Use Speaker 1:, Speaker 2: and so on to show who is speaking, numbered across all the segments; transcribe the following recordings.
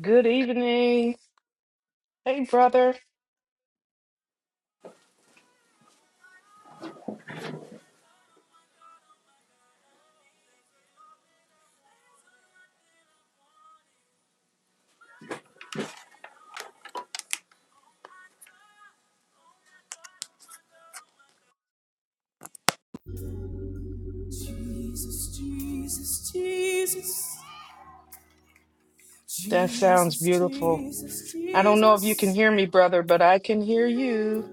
Speaker 1: Good evening. Hey, brother.
Speaker 2: Jesus, Jesus, Jesus,
Speaker 1: That sounds
Speaker 2: Jesus,
Speaker 1: beautiful.
Speaker 2: Jesus,
Speaker 1: I don't know if you can
Speaker 2: Jesus.
Speaker 1: hear me, brother, but I can hear you.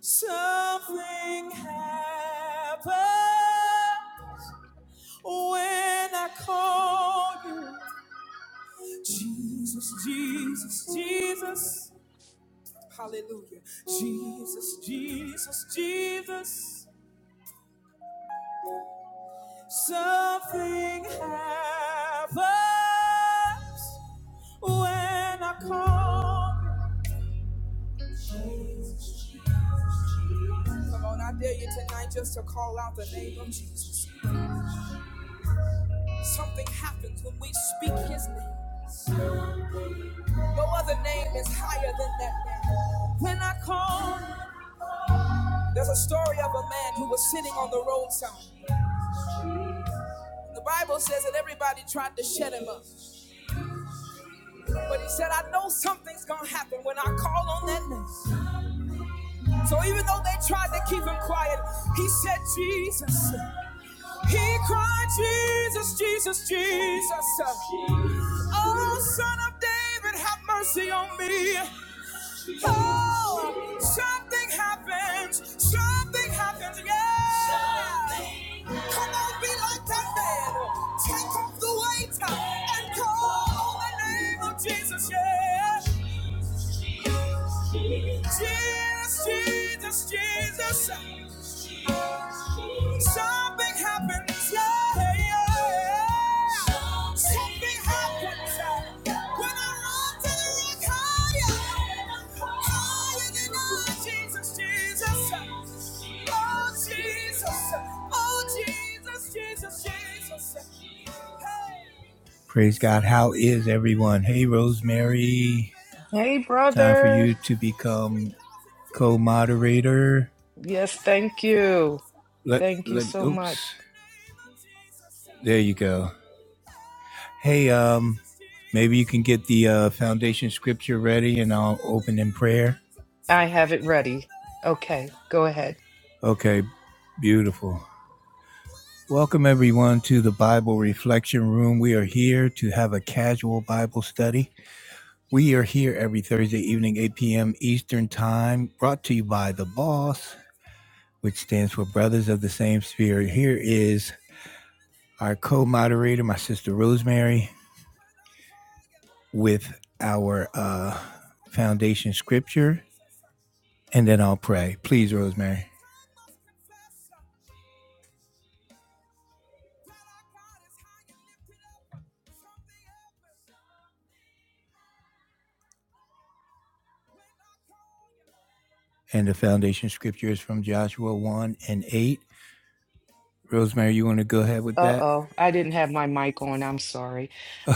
Speaker 2: Something happens when I call you. Jesus, Jesus, Jesus. Hallelujah. Jesus, Jesus, Jesus. Something happens when I call you. Come on, I dare you tonight just to call out the name of Jesus. Something happens when we speak his name. No other name is higher than that name. When I call, there's a story of a man who was sitting on the roadside. The Bible says that everybody tried to shut him up. But he said, I know something's going to happen when I call on that name. So even though they tried to keep him quiet, he said, Jesus. He cried, Jesus, Jesus, Jesus. Oh, son of David, have mercy on me. Oh, something happens. Something happens. Yeah. Come on, be like that man. Take off the weight and call on the name of Jesus. Yeah. Jesus, Jesus, Jesus. Something happens, yeah, yeah. Something happens uh, when I run to the rock higher, higher than I. Jesus, Jesus, oh Jesus, oh Jesus, Jesus, Jesus. Hey. Praise God. How is everyone? Hey, Rosemary.
Speaker 1: Hey,
Speaker 2: Time for
Speaker 1: brother.
Speaker 2: you to become co-moderator.
Speaker 1: Yes, thank you.
Speaker 2: Let
Speaker 1: Thank you
Speaker 2: let me,
Speaker 1: so much.
Speaker 2: oops. There you go. Hey, um, maybe you can get the uh, foundation scripture ready, and I'll open in prayer.
Speaker 1: I have it ready. Okay, go ahead.
Speaker 2: Okay, beautiful. Welcome everyone to the Bible Reflection Room. We are here to have a casual Bible study. We are here every Thursday evening, 8 p.m. Eastern Time, brought to you by The Boss, which stands for Brothers of the Same Spirit. Here is our co moderator, my sister Rosemary, with our uh, foundation scripture, and then I'll pray. Please, Rosemary. And the foundation scripture is from Joshua 1 and 8. Rosemary, you want to go ahead with that?
Speaker 1: Uh-oh, I didn't have my mic on. I'm sorry.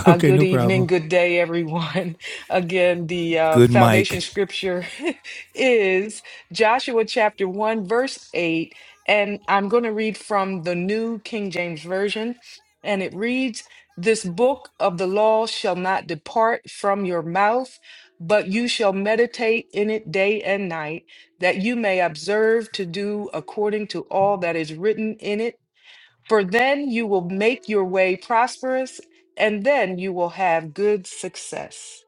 Speaker 1: Uh,
Speaker 2: Okay,
Speaker 1: good
Speaker 2: no
Speaker 1: evening,
Speaker 2: problem.
Speaker 1: good day, everyone. Again, the uh,
Speaker 2: Good
Speaker 1: foundation
Speaker 2: mic.
Speaker 1: scripture is Joshua chapter 1, verse 8. And I'm going to read from the New King James Version. And it reads This book of the law shall not depart from your mouth, but you shall meditate in it day and night, that you may observe to do according to all that is written in it for then you will make your way prosperous, and then you will have good success.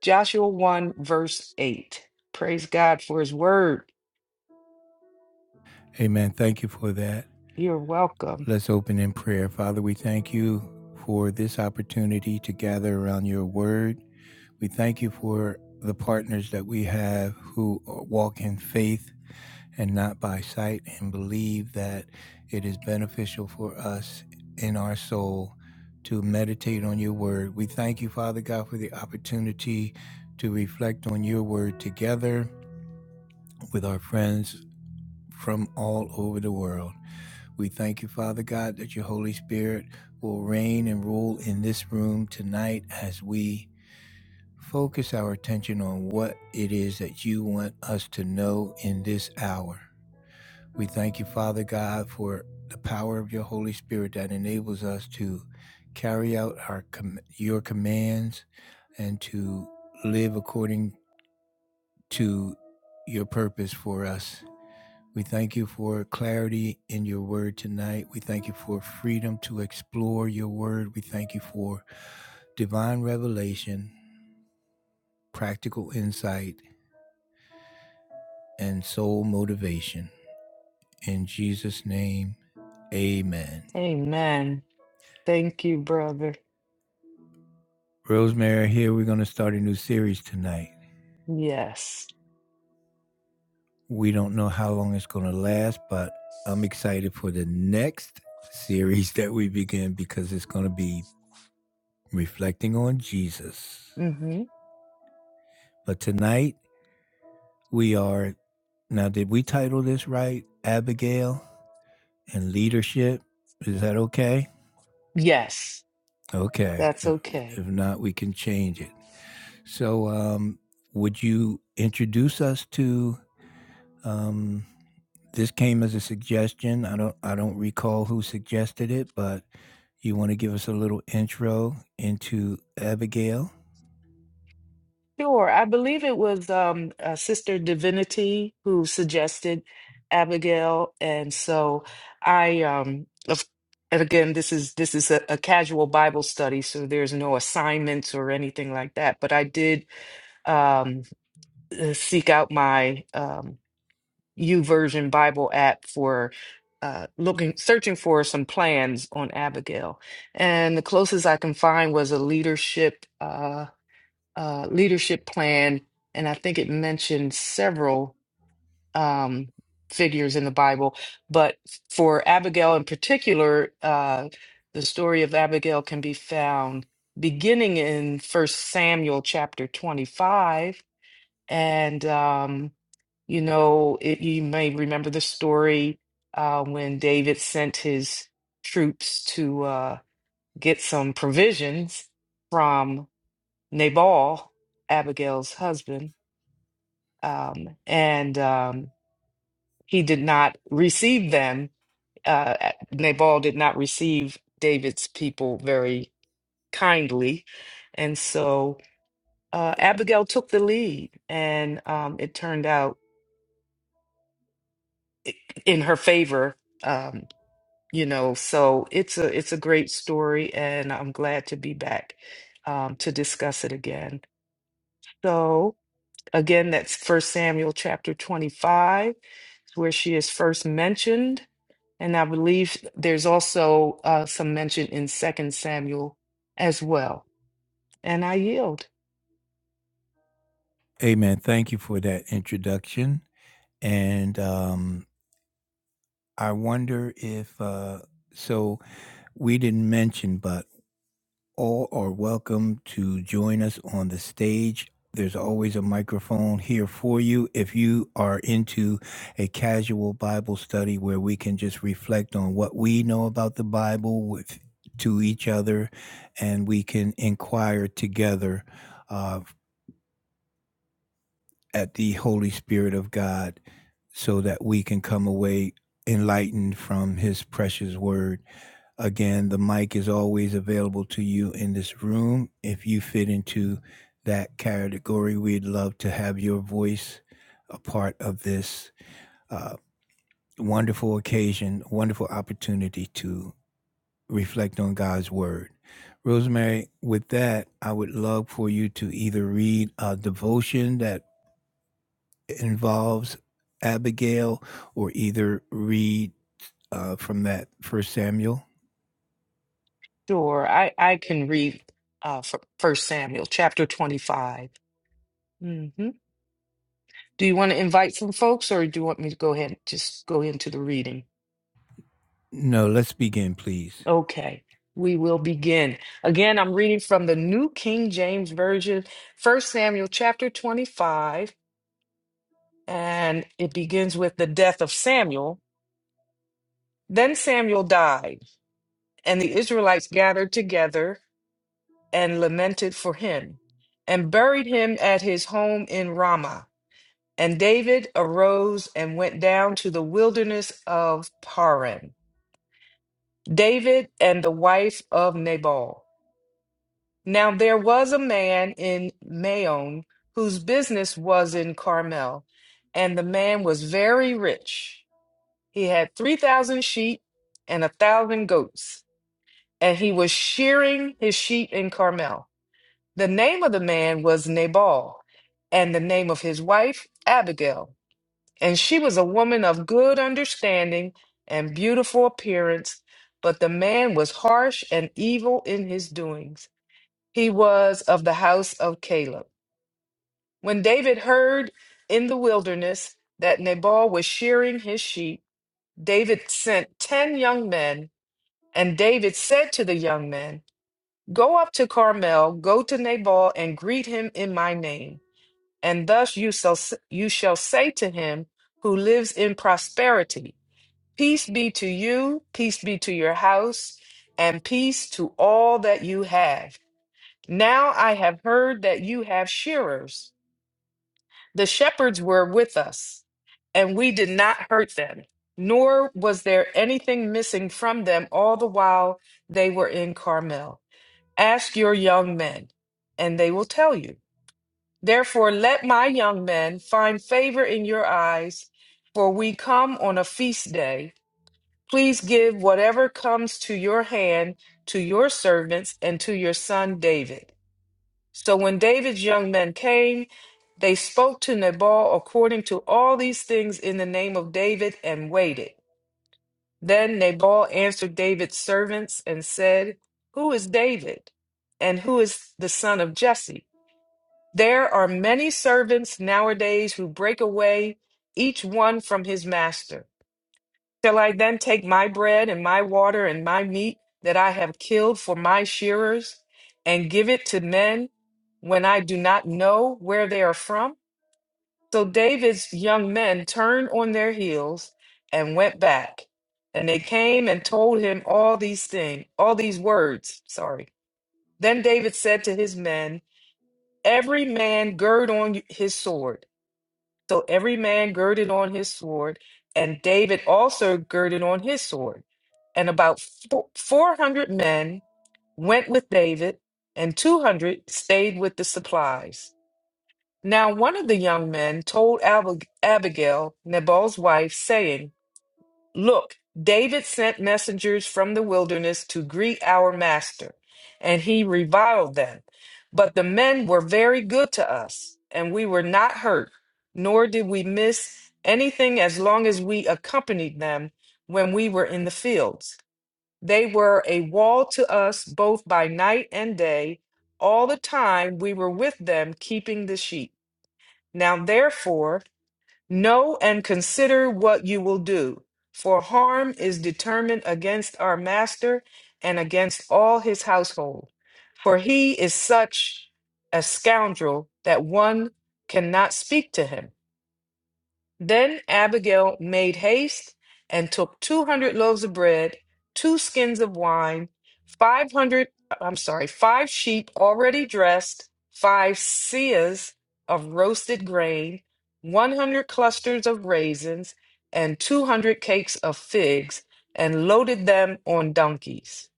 Speaker 1: Joshua 1, verse 8. Praise God for his word.
Speaker 2: Amen. Thank you for that.
Speaker 1: You're welcome.
Speaker 2: Let's open in prayer. Father, we thank you for this opportunity to gather around your word. We thank you for the partners that we have who walk in faith and not by sight and believe that it is beneficial for us in our soul to meditate on your word. We thank you, Father God, for the opportunity to reflect on your word together with our friends from all over the world. We thank you, Father God, that your Holy Spirit will reign and rule in this room tonight as we focus our attention on what it is that you want us to know in this hour. We thank you, Father God, for the power of your Holy Spirit that enables us to carry out our com- your commands and to live according to your purpose for us. We thank you for clarity in your word tonight. We thank you for freedom to explore your word. We thank you for divine revelation, practical insight, and soul motivation. In Jesus' name, amen.
Speaker 1: Amen. Thank you, brother.
Speaker 2: Rosemary, here we're going to start a new series tonight.
Speaker 1: Yes.
Speaker 2: We don't know how long it's going to last, but I'm excited for the next series that we begin because it's going to be reflecting on Jesus.
Speaker 1: hmm
Speaker 2: But tonight, we are Now, did we title this right? Abigail and leadership. Is that okay?
Speaker 1: Yes,
Speaker 2: Okay.
Speaker 1: that's
Speaker 2: If,
Speaker 1: okay.
Speaker 2: if not, we can change it. So, um, would you introduce us to? Um, this came as a suggestion. I don't. I don't recall who suggested it, but you want to give us a little intro into Abigail?
Speaker 1: Sure. I believe it was um, uh, Sister Divinity who suggested Abigail, and so I, um, of, and again, this is this is a, a casual Bible study, so there's no assignments or anything like that. But I did um, uh, seek out my um, YouVersion Bible app for uh, looking, searching for some plans on Abigail, and the closest I can find was a leadership. Uh, uh, leadership plan, and I think it mentioned several um, figures in the Bible. But for Abigail in particular, uh, the story of Abigail can be found beginning in First Samuel chapter 25. And, um, you know, it, you may remember the story uh, when David sent his troops to uh, get some provisions Nabal, Abigail's husband, um, and um, he did not receive them. Uh, Nabal did not receive David's people very kindly. And so uh, Abigail took the lead, and um, it turned out in her favor. Um, you know, so it's a it's a great story, and I'm glad to be back um, to discuss it again. So again, that's First Samuel chapter 25 where she is first mentioned, and I believe there's also uh, some mention in Second Samuel as well. And I yield.
Speaker 2: Amen. Thank you for that introduction. And um, I wonder if uh, so. We didn't mention, but all are welcome to join us on the stage. There's always a microphone here for you if you are into a casual Bible study where we can just reflect on what we know about the Bible with to each other and we can inquire together uh, at the Holy Spirit of God so that we can come away enlightened from his precious word. Again, the mic is always available to you in this room. If you fit into that category, we'd love to have your voice a part of this uh, wonderful occasion, wonderful opportunity to reflect on God's word. Rosemary, with that, I would love for you to either read a devotion that involves Abigail or either read uh, from that First Samuel.
Speaker 1: Sure, I I can read uh, fir- First Samuel chapter 25. hmm Do you want to invite some folks, or do you want me to go ahead and just go into the reading?
Speaker 2: No, let's begin, please.
Speaker 1: Okay, we will begin. Again, I'm reading from the New King James Version, First Samuel chapter 25, and it begins with the death of Samuel Then Samuel died, and the Israelites gathered together and lamented for him, and buried him at his home in Ramah. And David arose and went down to the wilderness of Paran. David and the wife of Nabal. Now there was a man in Maon whose business was in Carmel, and the man was very rich. He had 3,000 sheep and a 1,000 goats and he was shearing his sheep in Carmel. The name of the man was Nabal, and the name of his wife, Abigail. And she was a woman of good understanding and beautiful appearance, but the man was harsh and evil in his doings. He was of the house of Caleb. When David heard in the wilderness that Nabal was shearing his sheep, David sent ten young men, and David said to the young men, Go up to Carmel, go to Nabal, and greet him in my name. And thus you shall, you shall say to him who lives in prosperity, Peace be to you, peace be to your house, and peace to all that you have. Now I have heard that you have shearers. The shepherds were with us, and we did not hurt them, nor was there anything missing from them all the while they were in Carmel. Ask your young men, and they will tell you. Therefore, let my young men find favor in your eyes, for we come on a feast day. Please give whatever comes to your hand to your servants and to your son David. So when David's young men came, they spoke to Nabal according to all these things in the name of David and waited. Then Nabal answered David's servants and said, Who is David? And who is the son of Jesse? There are many servants nowadays who break away, each one from his master. Shall I then take my bread and my water and my meat that I have killed for my shearers and give it to men when I do not know where they are from? So David's young men turned on their heels and went back. And they came and told him all these things, all these words. Sorry. Then David said to his men, Every man gird on his sword. So every man girded on his sword, and David also girded on his sword. And about fo- 400 men went with David, and 200 stayed with the supplies. Now one of the young men told Ab- Abigail, Nabal's wife, saying, Look, David sent messengers from the wilderness to greet our master, and he reviled them. But the men were very good to us, and we were not hurt, nor did we miss anything as long as we accompanied them when we were in the fields. They were a wall to us both by night and day, all the time we were with them keeping the sheep. Now therefore, know and consider what you will do, for harm is determined against our master and against all his household. For he is such a scoundrel that one cannot speak to him. Then Abigail made haste and took 200 loaves of bread, two skins of wine, 500, I'm sorry, five sheep already dressed, five seahs of roasted grain, 100 clusters of raisins, and 200 cakes of figs, and loaded them on donkeys.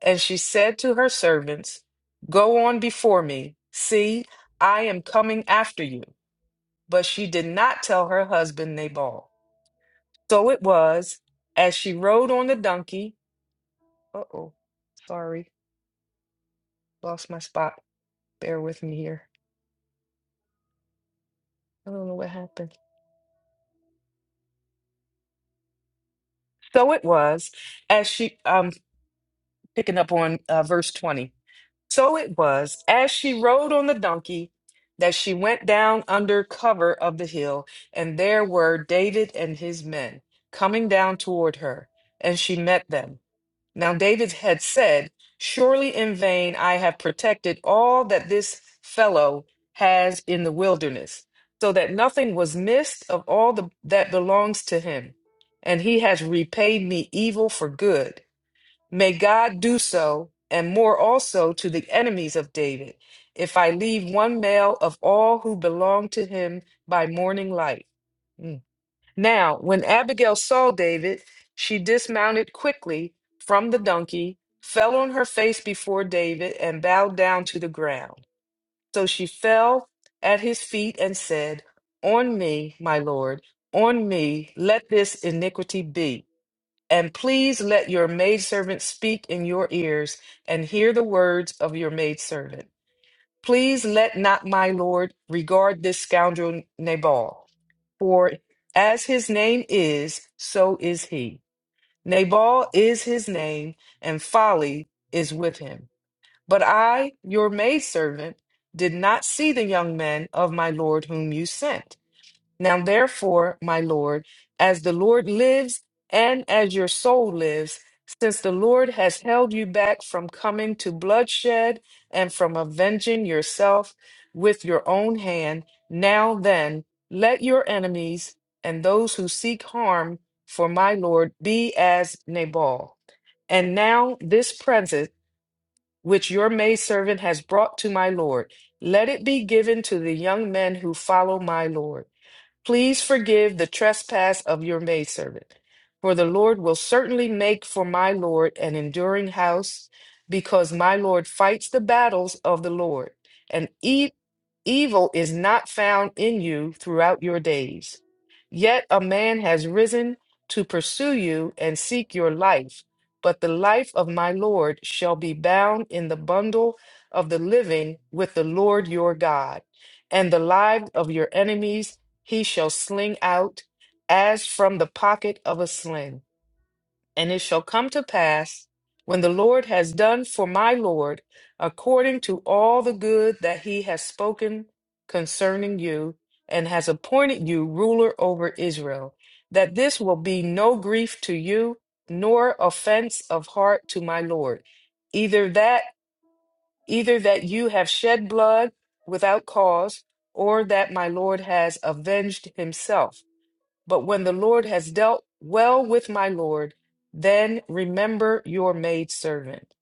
Speaker 1: And she said to her servants, Go on before me. See, I am coming after you but she did not tell her husband Nabal. So it was, as she rode on the donkey. Uh oh, sorry, lost my spot. Bear with me here. I don't know what happened. So it was, as she, um, picking up on uh, verse 20. So it was, as she rode on the donkey, that she went down under cover of the hill, and there were David and his men coming down toward her, and she met them. Now David had said, Surely in vain I have protected all that this fellow has in the wilderness, so that nothing was missed of all the, that belongs to him. And he has repaid me evil for good. May God do so, and more also to the enemies of David, if I leave one male of all who belong to him by morning light. Hmm. Now, when Abigail saw David, she dismounted quickly from the donkey, fell on her face before David, and bowed down to the ground. So she fell at his feet and said, On me, my lord, on me, let this iniquity be. And please let your maidservant speak in your ears and hear the words of your maidservant. Please let not my lord regard this scoundrel Nabal, for as his name is, so is he. Nabal is his name, and folly is with him. But I, your maidservant, did not see the young men of my lord whom you sent. Now, therefore, my Lord, as the Lord lives and as your soul lives, since the Lord has held you back from coming to bloodshed and from avenging yourself with your own hand, now then, let your enemies and those who seek harm for my Lord be as Nabal. And now, this present which your maidservant has brought to my Lord, let it be given to the young men who follow my Lord Please forgive the trespass of your maidservant, for the Lord will certainly make for my Lord an enduring house, because my Lord fights the battles of the Lord, and e- evil is not found in you throughout your days. Yet a man has risen to pursue you and seek your life, but the life of my Lord shall be bound in the bundle of the living with the Lord your God, and the lives of your enemies he shall sling out as from the pocket of a sling. And it shall come to pass, when the Lord has done for my Lord, according to all the good that he has spoken concerning you, and has appointed you ruler over Israel, that this will be no grief to you, nor offense of heart to my Lord. Either that, either that you have shed blood without cause, or that my Lord has avenged himself but when the Lord has dealt well with my Lord, then remember your maidservant.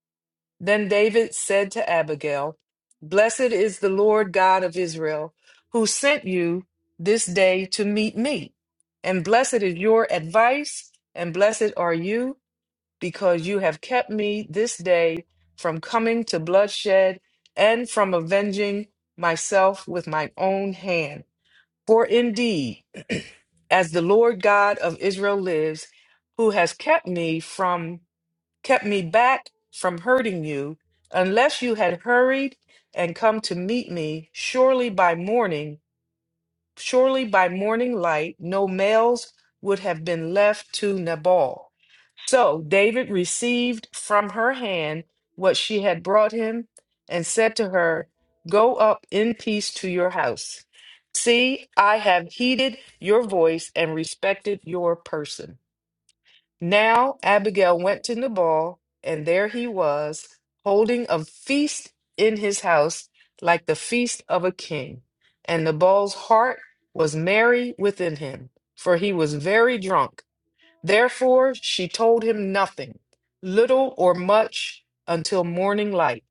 Speaker 1: Then David said to Abigail, Blessed is the Lord God of Israel, who sent you this day to meet me. And blessed is your advice, and blessed are you, because you have kept me this day from coming to bloodshed and from avenging myself with my own hand. For indeed, as the Lord God of Israel lives, who has kept me from kept me back from hurting you, unless you had hurried and come to meet me, surely by morning, surely by morning light, no males would have been left to Nabal. So David received from her hand what she had brought him and said to her, Go up in peace to your house. See, I have heeded your voice and respected your person. Now Abigail went to Nabal, and there he was, holding a feast in his house like the feast of a king. And Nabal's heart was merry within him, for he was very drunk Therefore she told him nothing, little or much, until morning light.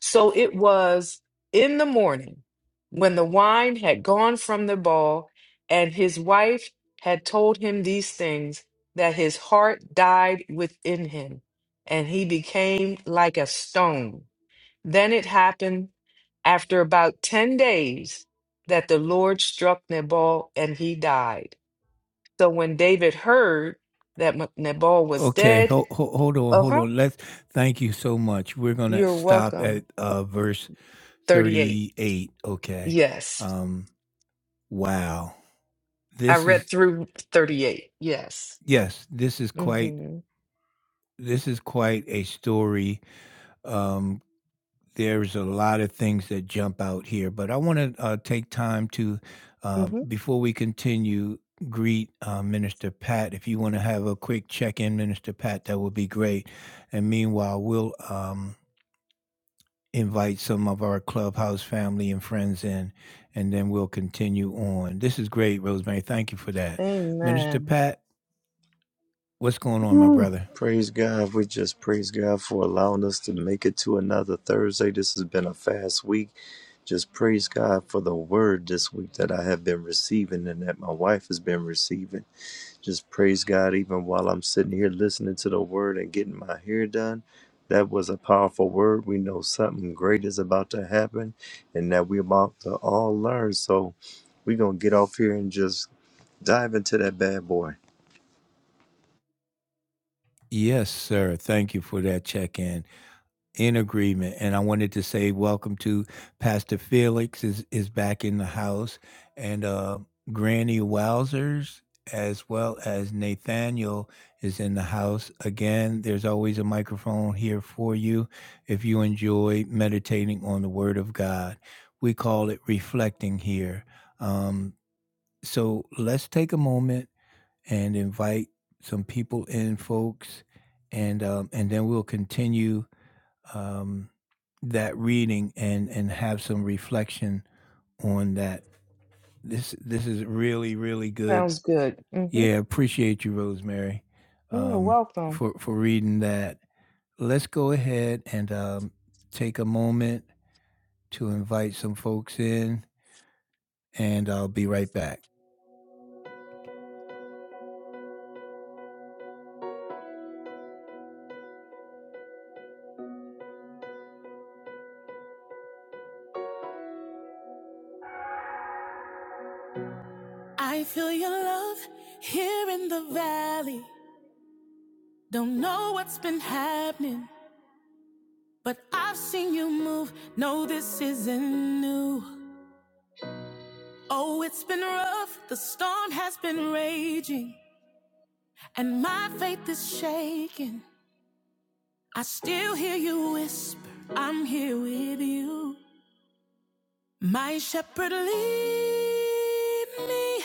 Speaker 1: So it was in the morning when the wine had gone from the ball, and his wife had told him these things, that his heart died within him, and he became like a stone. Then it happened after about ten days that the Lord struck Nabal and he died. So when David heard that M- Nabal was
Speaker 2: Okay,
Speaker 1: dead,
Speaker 2: hold, hold on,
Speaker 1: uh
Speaker 2: hold
Speaker 1: huh,
Speaker 2: on. Let's thank you so much. We're gonna
Speaker 1: you're
Speaker 2: stop
Speaker 1: welcome.
Speaker 2: at uh, verse
Speaker 1: 38.
Speaker 2: thirty-eight. Okay.
Speaker 1: Yes.
Speaker 2: Um, wow,
Speaker 1: I
Speaker 2: this
Speaker 1: read
Speaker 2: is
Speaker 1: through 38. Yes.
Speaker 2: yes, this is quite
Speaker 1: Mm-hmm.
Speaker 2: this is quite a story. Um, there's a lot of things that jump out here, but I want to uh, take time to um,
Speaker 1: Mm-hmm.
Speaker 2: before we continue greet uh, Minister Pat. If you want to have a quick check-in, Minister Pat, that would be great. And meanwhile, we'll. Um, invite some of our clubhouse family and friends in, and then we'll continue on. This is great, Rosemary. Thank you for that. Minister
Speaker 1: Amen.
Speaker 2: Pat, what's going on, my brother?
Speaker 3: Praise God. We just praise God for allowing us to make it to another Thursday. This has been a fast week. Just praise God for the word this week that I have been receiving and that my wife has been receiving. Just praise God even while I'm sitting here listening to the word and getting my hair done. That was a powerful word. We know something great is about to happen and that we're about to all learn. So we're going to get off here and just dive into that bad boy.
Speaker 2: Yes, sir. Thank you for that check in. In agreement. And I wanted to say welcome to Pastor Felix is is back in the house and uh Granny Wowzers as well as Nathaniel is in the house. Again, there's always a microphone here for you if you enjoy meditating on the word of God. We call it reflecting here. Um so let's take a moment and invite some people in folks and um, and then we'll continue um, that reading and and have some reflection on that. This this is really really good.
Speaker 1: Sounds good. Mm-hmm.
Speaker 2: Yeah, appreciate you, Rosemary,
Speaker 1: You're
Speaker 2: um,
Speaker 1: welcome.
Speaker 2: for for reading that. Let's go ahead and um, take a moment to invite some folks in, and I'll be right back. I feel your love here in the valley. Don't know what's been happening, but I've seen you move. No, this isn't new. Oh, it's been rough. The storm has been raging, and my faith is shaking. I still hear you whisper, I'm here with you. My shepherd lead me,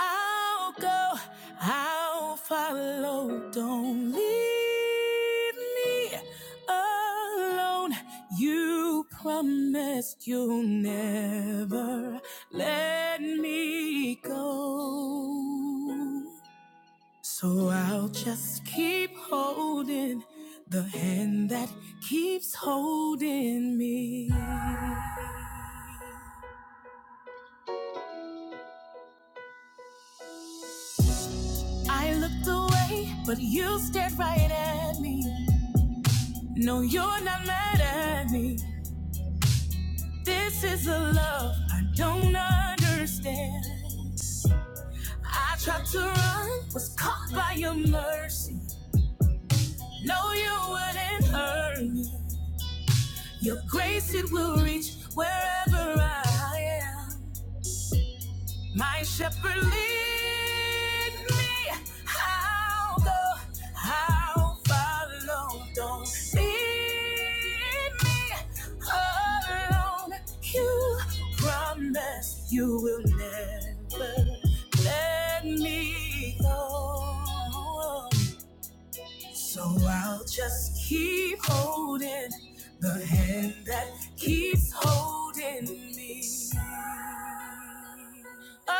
Speaker 2: I'll go, I'll follow. Don't leave me alone. You promised you'll never let me go. So I'll just keep holding the hand that keeps holding me. I looked away, but you stared right at me. No, you're not mad at me. This is a love I don't understand. I tried to run, was caught by your mercy. No, you wouldn't hurt me. Your grace, it will reach wherever I am. My shepherd lead me. I'll go. I'll follow. Don't leave me alone. You promise you will never let me go. So I'll just keep holding the hand that keeps holding me. Oh,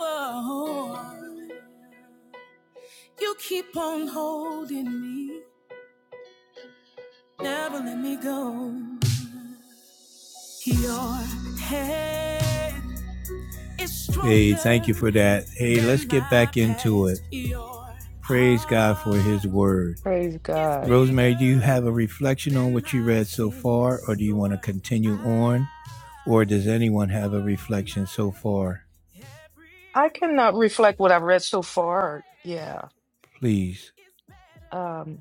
Speaker 2: oh, oh. you keep on holding me, never let me go. Your hand is hey, thank you stronger for that. Hey, let's than get my back into it. past. Your Praise God for His heart word.
Speaker 1: Praise God.
Speaker 2: Rosemary, do you have a reflection on what you read so far, or do you want to continue on? Or does anyone have a reflection so far?
Speaker 1: I cannot reflect what I've read so far. Yeah.
Speaker 2: Please.
Speaker 1: Um,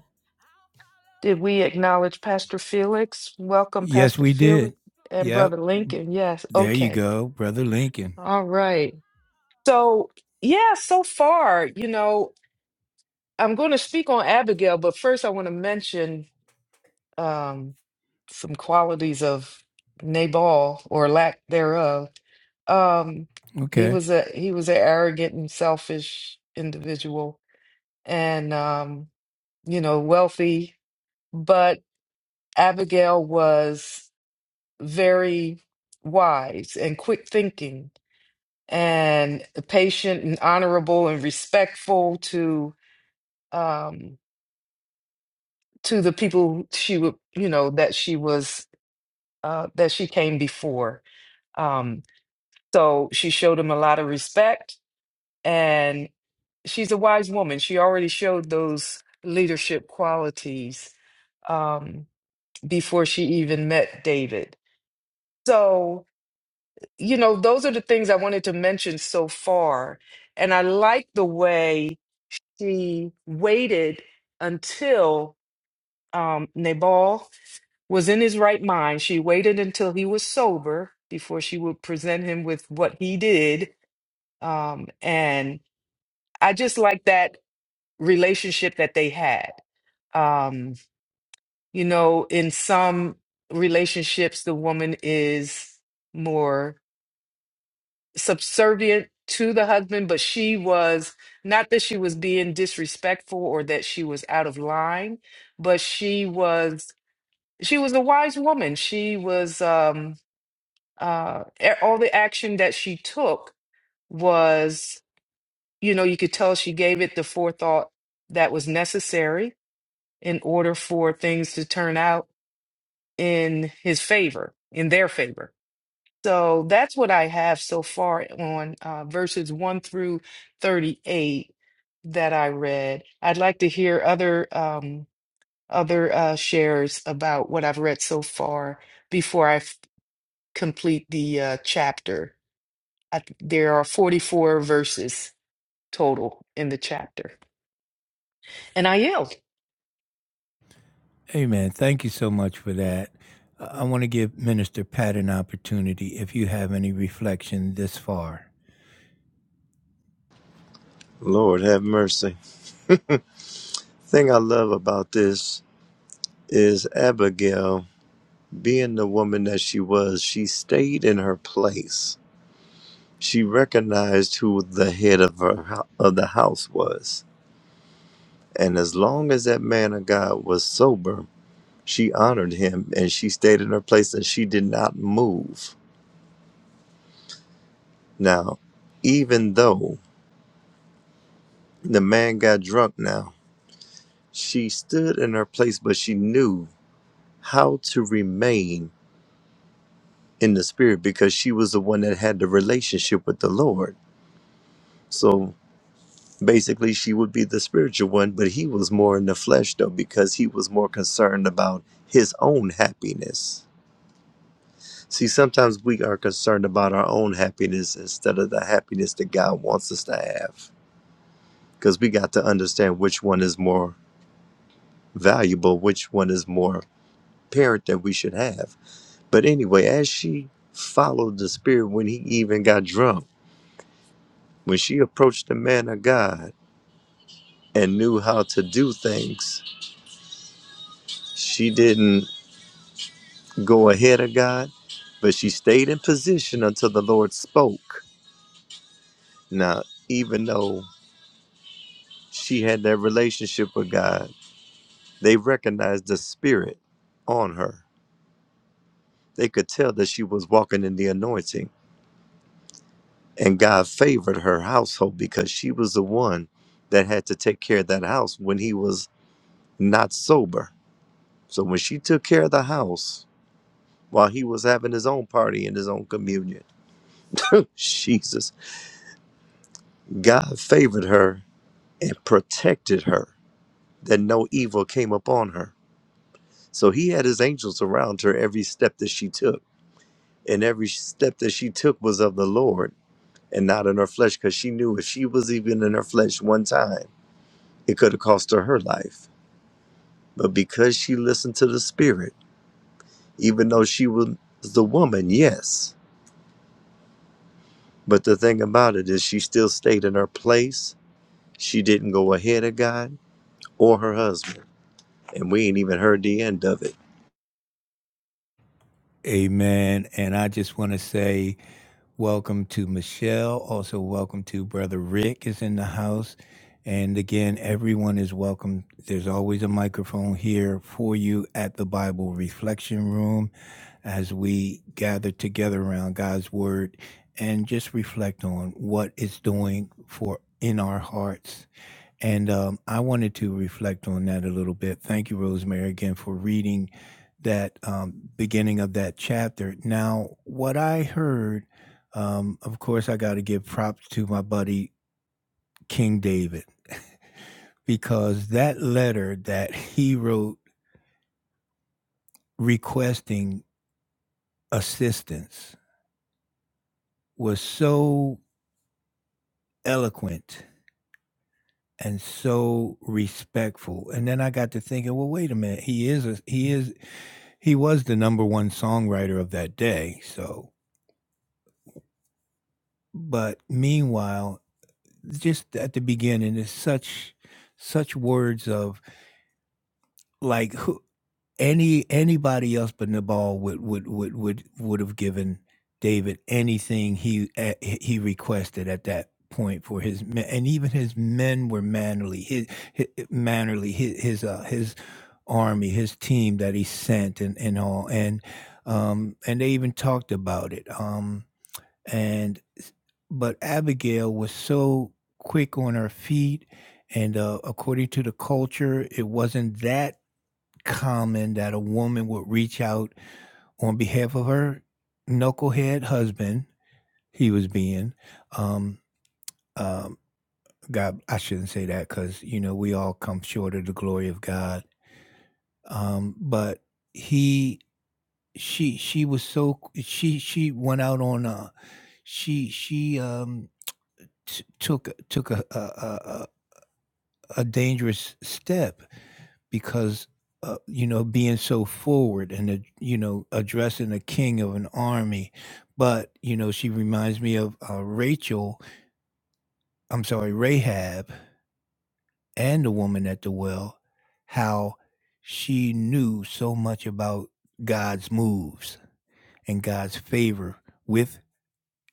Speaker 1: did we acknowledge Pastor Felix? Welcome,
Speaker 2: Yes,
Speaker 1: Pastor
Speaker 2: we
Speaker 1: Felix
Speaker 2: did.
Speaker 1: and
Speaker 2: Yep.
Speaker 1: Brother Lincoln. Yes.
Speaker 2: There you
Speaker 1: Okay.
Speaker 2: go, Brother Lincoln.
Speaker 1: All right. So, yeah, so far, you know, I'm going to speak on Abigail, but first I want to mention um, some qualities of Nabal or lack thereof. Um, he
Speaker 2: Okay.
Speaker 1: was a he was an arrogant and selfish individual, and um, you know, wealthy. But Abigail was very wise and quick thinking, and patient and honorable and respectful to um, to the people she would, you know, that she was, uh, that she came before. Um, so she showed him a lot of respect, and she's a wise woman. She already showed those leadership qualities um, before she even met David. So, you know, those are the things I wanted to mention so far. And I like the way she waited until um, Nabal. was in his right mind. She waited until he was sober before she would present him with what he did. Um, and I just like that relationship that they had. Um, you know, in some relationships, the woman is more subservient to the husband, but she was not that she was being disrespectful or that she was out of line, but she was she was a wise woman. She was um uh, e- all the action that she took was, you know, you could tell she gave it the forethought that was necessary in order for things to turn out in his favor, in their favor. So that's what I have so far on uh, verses 1 through 38 that I read. I'd like to hear other um, other uh, shares about what I've read so far before I f- complete the uh, chapter. I, there are 44 verses total in the chapter. And I yelled.
Speaker 2: Amen. Thank you so much for that. Uh, I want to give Minister Pat an opportunity if you have any reflection this far.
Speaker 3: Lord have mercy. thing I love about this is Abigail, being the woman that she was, she stayed in her place. She recognized who the head of her hou- of the house was, and as long as that man of God was sober, she honored him and she stayed in her place and she did not move. Now, even though the man got drunk, now she stood in her place, but she knew how to remain in the spirit because she was the one that had the relationship with the Lord. So basically, she would be the spiritual one, but he was more in the flesh though because he was more concerned about his own happiness. See, sometimes we are concerned about our own happiness instead of the happiness that God wants us to have because we got to understand which one is more valuable, which one is more parent that we should have. But anyway, as she followed the spirit when he even got drunk When she approached the man of God and knew how to do things, she didn't go ahead of God, but she stayed in position until the Lord spoke. Now, even though she had that relationship with God, they recognized the spirit on her. They could tell that she was walking in the anointing, and God favored her household because she was the one that had to take care of that house when he was not sober. So when she took care of the house, while he was having his own party and his own communion. Jesus. God favored her and protected her that no evil came upon her. So he had his angels around her every step that she took. And every step that she took was of the Lord and not in her flesh, because she knew if she was even in her flesh one time, it could have cost her her life. But because she listened to the Spirit, even though she was the woman, yes. But the thing about it is, she still stayed in her place She didn't go ahead of God or her husband, and we ain't even heard the end of it.
Speaker 2: Amen. And I just want to say welcome to Michelle. Also, welcome to Brother Rick is in the house. And again, everyone is welcome. There's always a microphone here for you at the Bible Reflection Room as we gather together around God's Word and just reflect on what it's doing for in our hearts And um, I wanted to reflect on that a little bit. Thank you, Rosemary, again for reading that um, beginning of that chapter. Now, what I heard, um, of course, I got to give props to my buddy King David because that letter that he wrote requesting assistance was so eloquent and so respectful. And then I got to thinking, well, wait a minute, he is a, he is He was the number one songwriter of that day, so but meanwhile, just at the beginning, it's such such words of like who any anybody else but Nabal would would would would would have given David anything he eh, he requested at that point for his men, and even his men were mannerly. His, his mannerly his his uh, his army, his team that he sent, and and all, and um and they even talked about it. Um and but Abigail was so quick on her feet, and, uh, according to the culture, it wasn't that common that a woman would reach out on behalf of her knucklehead husband, he was being, um, um, God I shouldn't say that because you know, we all come short of the glory of God, um, but he she she was so she she went out on a she she, um t- took took a a, a a dangerous step because uh, you know being so forward and uh, you know addressing a king of an army, but you know she reminds me of uh, Rachel. I'm sorry, Rahab and the woman at the well. How she knew so much about God's moves and God's favor with,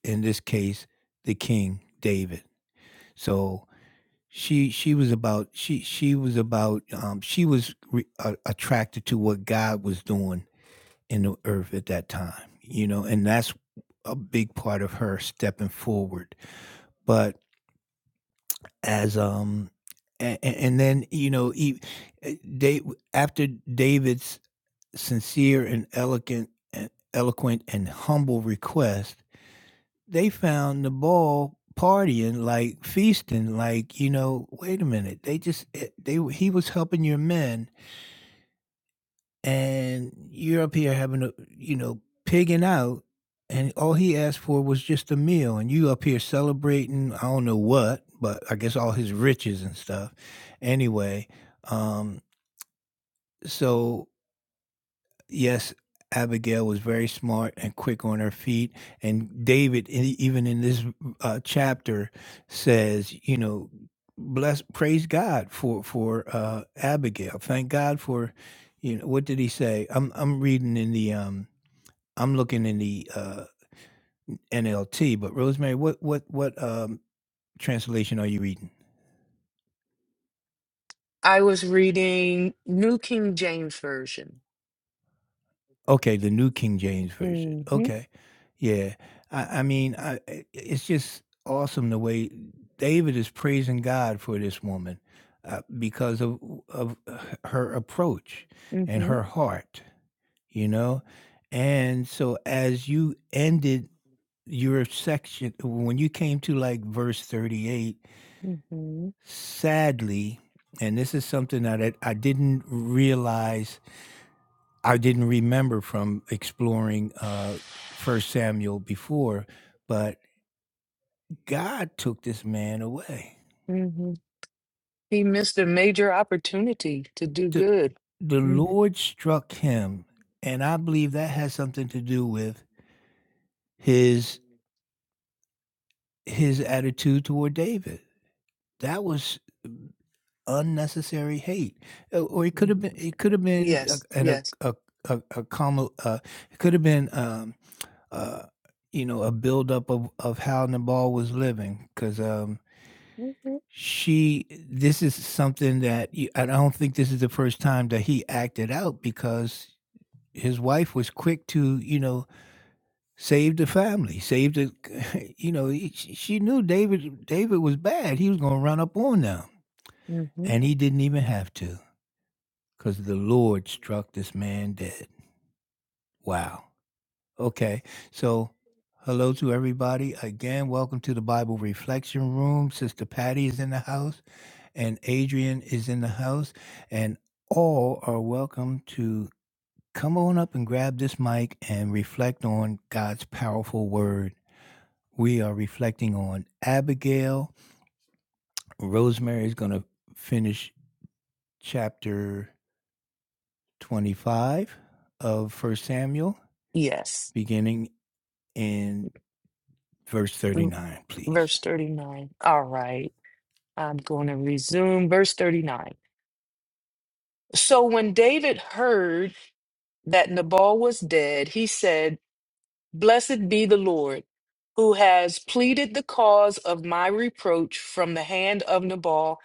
Speaker 2: in this case, the King David. So She she was about she she was about, um, she was re a attracted to what God was doing in the earth at that time, you know, and that's a big part of her stepping forward. But as, um a and then, you know, e eh, after David's sincere and elegant and eloquent and humble request, they found the ball partying, like feasting, like, you know, wait a minute. They just eh, they he was helping your men and you're up here having a you know, pigging out and all he asked for was just a meal and you up here celebrating I don't know what, but I guess all his riches and stuff. Anyway, um so yes, Abigail was very smart and quick on her feet. And David, e- even in this uh, chapter, says, you know, bless, praise God for for uh, Abigail. Thank God for, you know, what did he say? I'm I'm reading in the um I'm looking in the uh, NLT. But Rosemary, what what what um translation are you reading?
Speaker 1: I was reading New King James Version.
Speaker 2: Okay, the New King James Version.
Speaker 1: hmm
Speaker 2: Okay. Yeah. I, I mean, I, i- it's just awesome the way David is praising God for this woman uh, because of, of her approach and
Speaker 1: hmm
Speaker 2: her heart, you know? And so as you ended your section, when you came to like verse 38,
Speaker 1: hmm
Speaker 2: sadly, and this is something that I I didn't realize I didn't remember from exploring uh, First Samuel before, but God took this man away.
Speaker 1: hmm He missed a major opportunity to do
Speaker 2: The,
Speaker 1: good.
Speaker 2: the
Speaker 1: mm
Speaker 2: Lord struck him, and I believe that has something to do with his his attitude toward David. That was unnecessary hate, Uh, or it could
Speaker 1: mm.
Speaker 2: have been it could have been
Speaker 1: Yes,
Speaker 2: a, an, a,
Speaker 1: yes.
Speaker 2: a, a, a calm, uh, it could have been um, uh, you know a buildup of of how Nabal was living because. Um,
Speaker 1: hmm
Speaker 2: She this is something that you I don't think this is the first time that he acted out because his wife was quick to, you know, save the family, save the you know, he- she she knew David David was bad. He was going to run up on them,
Speaker 1: hmm
Speaker 2: and he didn't even have to cuz the Lord struck this man dead. Wow. Okay. So Hello to everybody. Again, welcome to the Bible Reflection Room. Sister Patty is in the house. and Adrian is in the house, and all are welcome to come on up and grab this mic and reflect on God's powerful word. We are reflecting on Abigail. Rosemary is going to finish chapter 25 of First Samuel,
Speaker 1: Yes.
Speaker 2: beginning in verse
Speaker 1: Mm,
Speaker 2: 39, please.
Speaker 1: Verse 39. All right. I'm going to resume verse 39. So when David heard that Nabal was dead, he said, Blessed be the Lord, who has pleaded the cause of my reproach from the hand of Nabal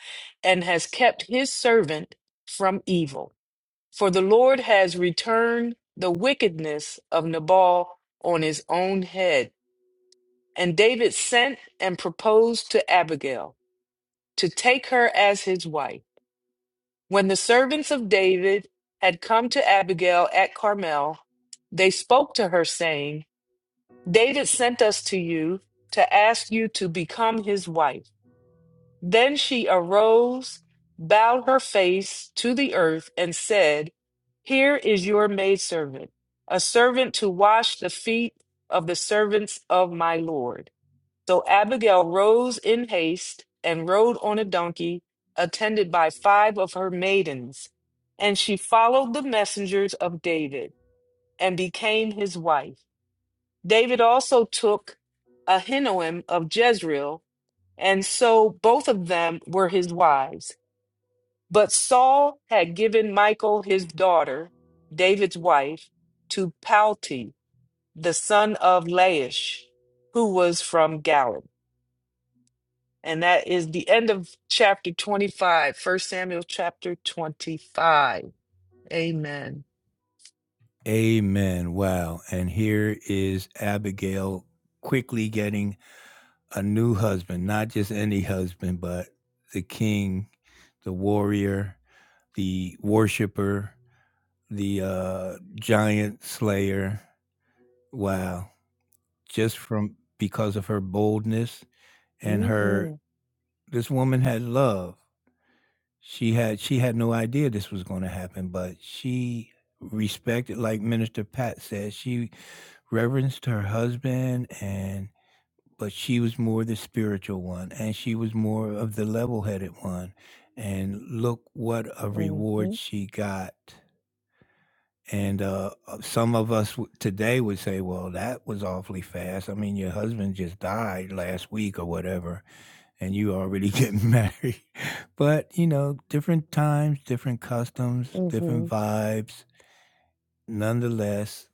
Speaker 1: and has kept his servant from evil. For the Lord has returned the wickedness of Nabal on his own head. And David sent and proposed to Abigail to take her as his wife. When the servants of David had come to Abigail at Carmel, they spoke to her, saying, David sent us to you to ask you to become his wife. Then she arose, bowed her face to the earth, and said, Here is your maidservant, a servant to wash the feet of the servants of my Lord. So Abigail rose in haste and rode on a donkey, attended by five of her maidens. And she followed the messengers of David and became his wife. David also took Ahinoam of Jezreel, and so both of them were his wives. But Saul had given Michal his daughter, David's wife, to Palti, the son of Laish, who was from Galim. And that is the end of chapter 25, First Samuel chapter 25. Amen.
Speaker 2: Amen. Wow. And here is Abigail quickly getting a new husband, not just any husband, but the king, the warrior, the worshiper, the uh, giant slayer. Wow. Just from because of her boldness and her,
Speaker 1: Mm-hmm,
Speaker 2: this woman had love. She had she had no idea this was going to happen, but she respected, like Minister Pat said, she reverenced her husband and but she was more the spiritual one and she was more of the level-headed one and look what a
Speaker 1: mm-hmm,
Speaker 2: reward she got and uh, uh, some of us w- today would say well that was awfully fast i mean your husband just died last week or whatever and you already getting married but you know different times different customs
Speaker 1: mm-hmm.
Speaker 2: different vibes nonetheless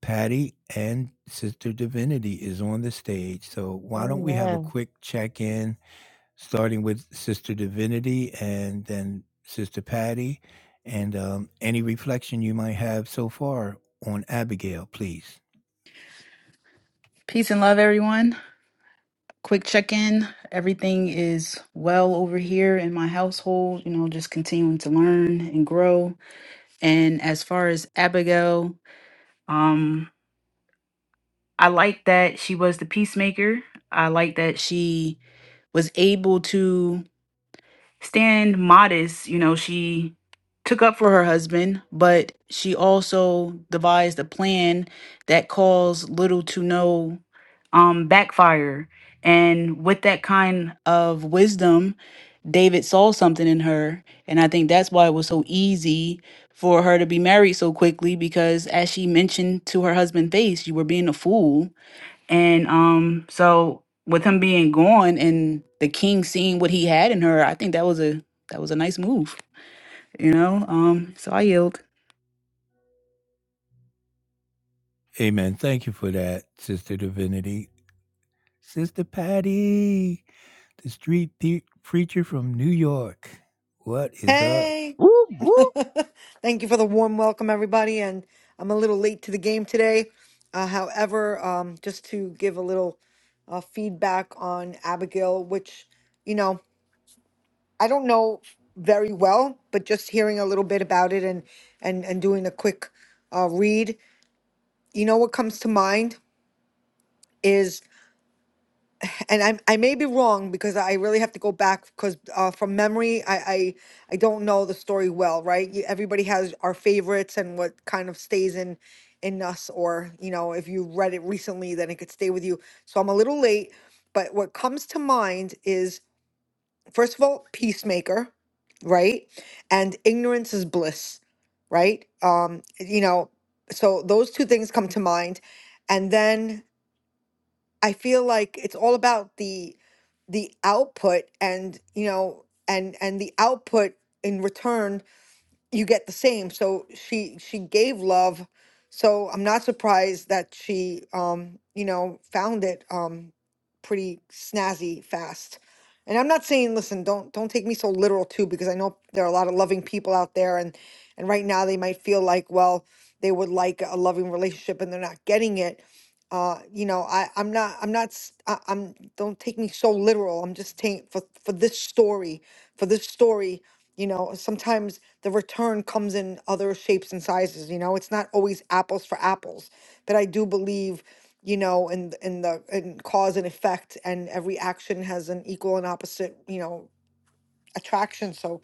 Speaker 2: patty and sister divinity is on the stage so why don't we have a
Speaker 1: Amen.
Speaker 2: quick check-in starting with Sister Divinity and then Sister Patty, and um, any reflection you might have so far on Abigail, please.
Speaker 4: Peace and love, everyone. Quick check in. Everything is well over here in my household, you know, just continuing to learn and grow. And as far as Abigail, um, I like that she was the peacemaker. I like that she was able to stand modest. You know, she took up for her husband, but she also devised a plan that caused little to no um, backfire. And with that kind of wisdom, David saw something in her. And I think that's why it was so easy for her to be married so quickly because, as she mentioned to her husband face, you were being a fool and um, so with him being gone and the king seeing what he had in her, I think that was a that was a nice move, you know. Um, so I yield.
Speaker 2: Amen. Thank you for that, Sister Divinity. Sister Patty, the street pe- preacher from New York. What is up?
Speaker 5: Hey,
Speaker 3: Whoop, whoop.
Speaker 5: thank you for the warm welcome, everybody. And I'm a little late to the game today. Uh, however, um, just to give a little uh, feedback on Abigail, which, you know, I don't know very well, but just hearing a little bit about it and and and doing a quick uh, read, you know, what comes to mind is. and I I may be wrong because I really have to go back because uh, from memory I, I I don't know the story well right You- everybody has our favorites and what kind of stays in in us or you know if you read it recently then it could stay with you so I'm a little late but what comes to mind is first of all peacemaker right and ignorance is bliss right um you know so those two things come to mind and then I feel like it's all about the the output and you know and and the output in return you get the same. So she she gave love. So I'm not surprised that she um, you know, found it um pretty snazzy fast. And I'm not saying listen, don't don't take me so literal too because I know there are a lot of loving people out there and and right now they might feel like well, they would like a loving relationship and they're not getting it. Uh, you know, I I'm not I'm not s- I, am don't take me so literal. I'm just saying for for this story, for this story, you know, sometimes the return comes in other shapes and sizes you know it's not always apples for apples but i do believe you know in th- in the in cause and effect and every action has an equal and opposite you know attraction so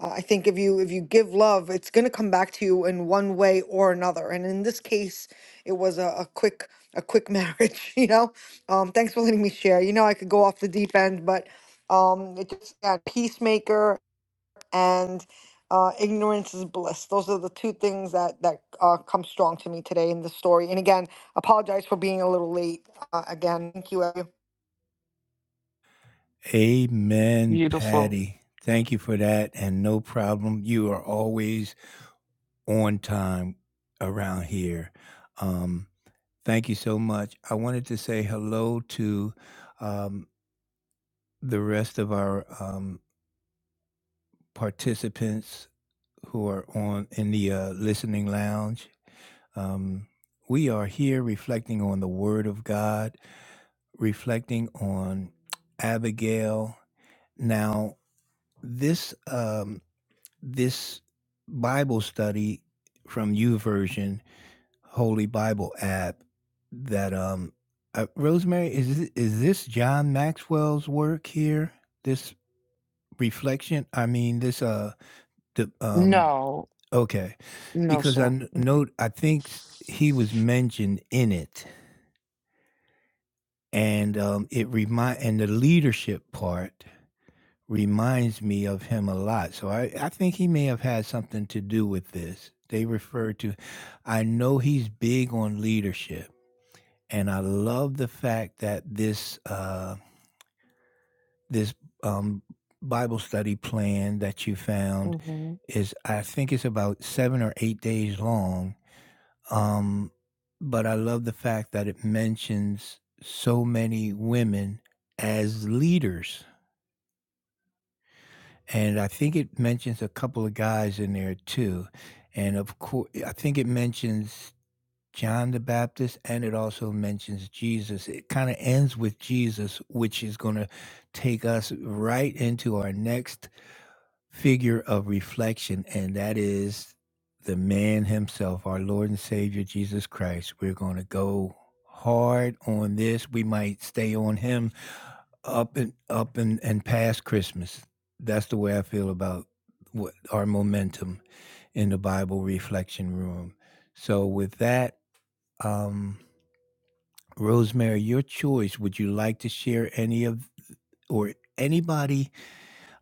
Speaker 5: uh, i think if you if you give love it's going to come back to you in one way or another and in this case it was a, a quick a quick marriage you know um thanks for letting me share you know i could go off the deep end but um it just yeah, peacemaker and uh, ignorance is bliss. Those are the two things that that uh, come strong to me today in the story. And again, apologize for being a little late. Uh, again, thank you everyone.
Speaker 2: Amen,
Speaker 1: Beautiful.
Speaker 2: Patty. Thank you for that, and no problem. You are always on time around here. Um, Thank you so much. I wanted to say hello to um, the rest of our um, participants who are on in the uh, listening lounge. Um, we are here reflecting on the Word of God, reflecting on Abigail. Now, this um, this Bible study from YouVersion Holy Bible app that um uh, Rosemary is thi- is this John Maxwell's work here? This reflection, I mean this uh the um
Speaker 1: No,
Speaker 2: okay
Speaker 1: no,
Speaker 2: because I
Speaker 1: sir.
Speaker 2: kn- know I think s- he was mentioned in it and um it remind and the leadership part reminds me of him a lot. So I I think he may have had something to do with this. They refer to I know he's big on leadership and I love the fact that this uh, this um, Bible study plan that you found
Speaker 1: hmm
Speaker 2: is I think it's about seven or eight days long. Um, but I love the fact that it mentions so many women as leaders, and I think it mentions a couple of guys in there too. And of course, I think it mentions John the Baptist, and it also mentions Jesus. It kind of ends with Jesus, which is going to take us right into our next figure of reflection, and that is the man himself, our Lord and Savior Jesus Christ. We're going to go hard on this. We might stay on him up and up and, and past Christmas. That's the way I feel about what our momentum in the Bible reflection room. So with that, um, Rosemary, your choice. Would you like to share any of or anybody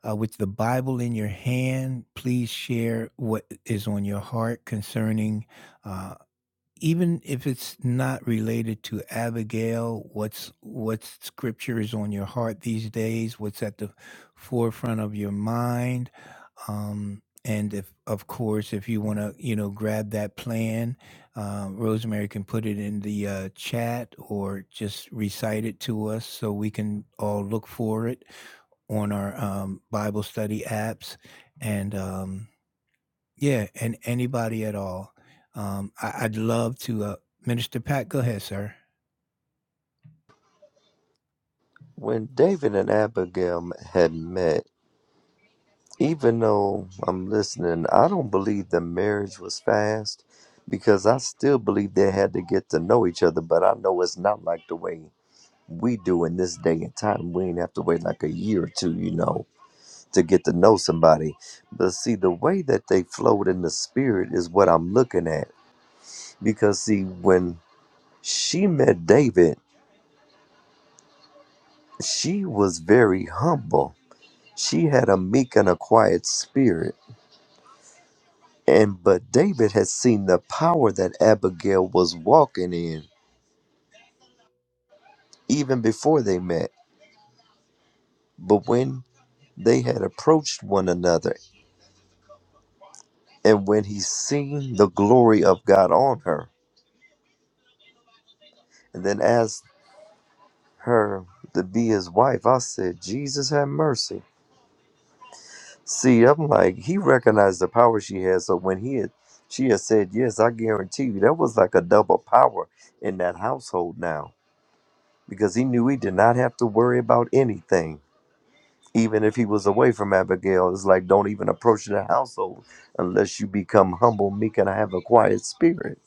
Speaker 2: uh, with the Bible in your hand? Please share what is on your heart concerning, uh, even if it's not related to Abigail. What's what scripture is on your heart these days? What's at the forefront of your mind? Um, and if, of course, if you want to, you know, grab that plan, uh, Rosemary can put it in the uh, chat or just recite it to us so we can all look for it on our um, Bible study apps. And um, yeah, and anybody at all. Um, I, I'd love to. Uh, Minister Pat, go ahead, sir.
Speaker 3: When David and Abigail had met, even though I'm listening, I don't believe the marriage was fast because I still believe they had to get to know each other, but I know it's not like the way we do in this day and time. We ain't have to wait like a year or two, you know, to get to know somebody. But see, the way that they flowed in the spirit is what I'm looking at because see, when She met David. She was very humble. She had a meek and a quiet spirit. And but David had seen the power that Abigail was walking in even before they met. But when they had approached one another, and when he seen the glory of God on her, and then asked her to be his wife, I said, Jesus have mercy. See, I'm like, he recognized the power she had. So when he had, she had said, Yes, I guarantee you, that was like a double power in that household now because he knew he did not have to worry about anything. Even if he was away from Abigail, it's like, don't even approach the household unless you become humble, meek, and have a quiet spirit.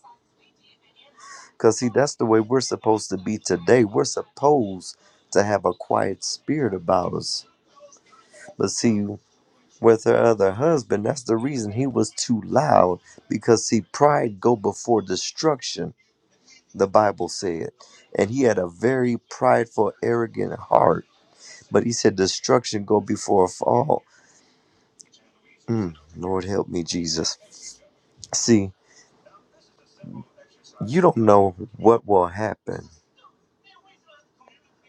Speaker 3: Because, see, that's the way we're supposed to be today. We're supposed to have a quiet spirit about us. But see, with her other husband. That's the reason he was too loud because see, pride go before destruction. The Bible said, and he had a very prideful, arrogant heart. But he said, destruction go before a fall. Mm, Lord help me, Jesus. See, you don't know what will happen.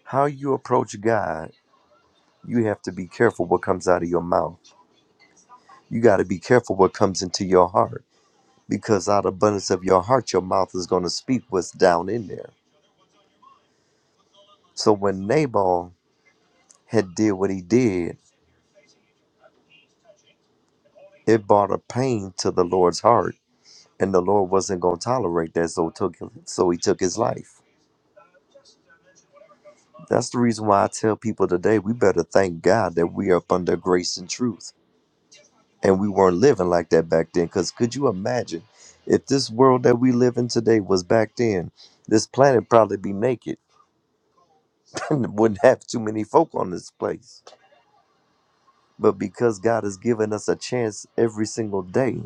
Speaker 3: How you approach God, you have to be careful what comes out of your mouth. You got to be careful what comes into your heart because out of abundance of your heart, your mouth is going to speak what's down in there. So when Nabal had did what he did, it brought a pain to the Lord's heart, and the Lord wasn't going to tolerate that, so took so he took his life. That's the reason why I tell people today we better thank God that we are up under grace and truth, and we weren't living like that back then. Because could you imagine if this world that we live in today was back then? This planet probably be naked and wouldn't have too many folk on this place. But because God has given us a chance every single day,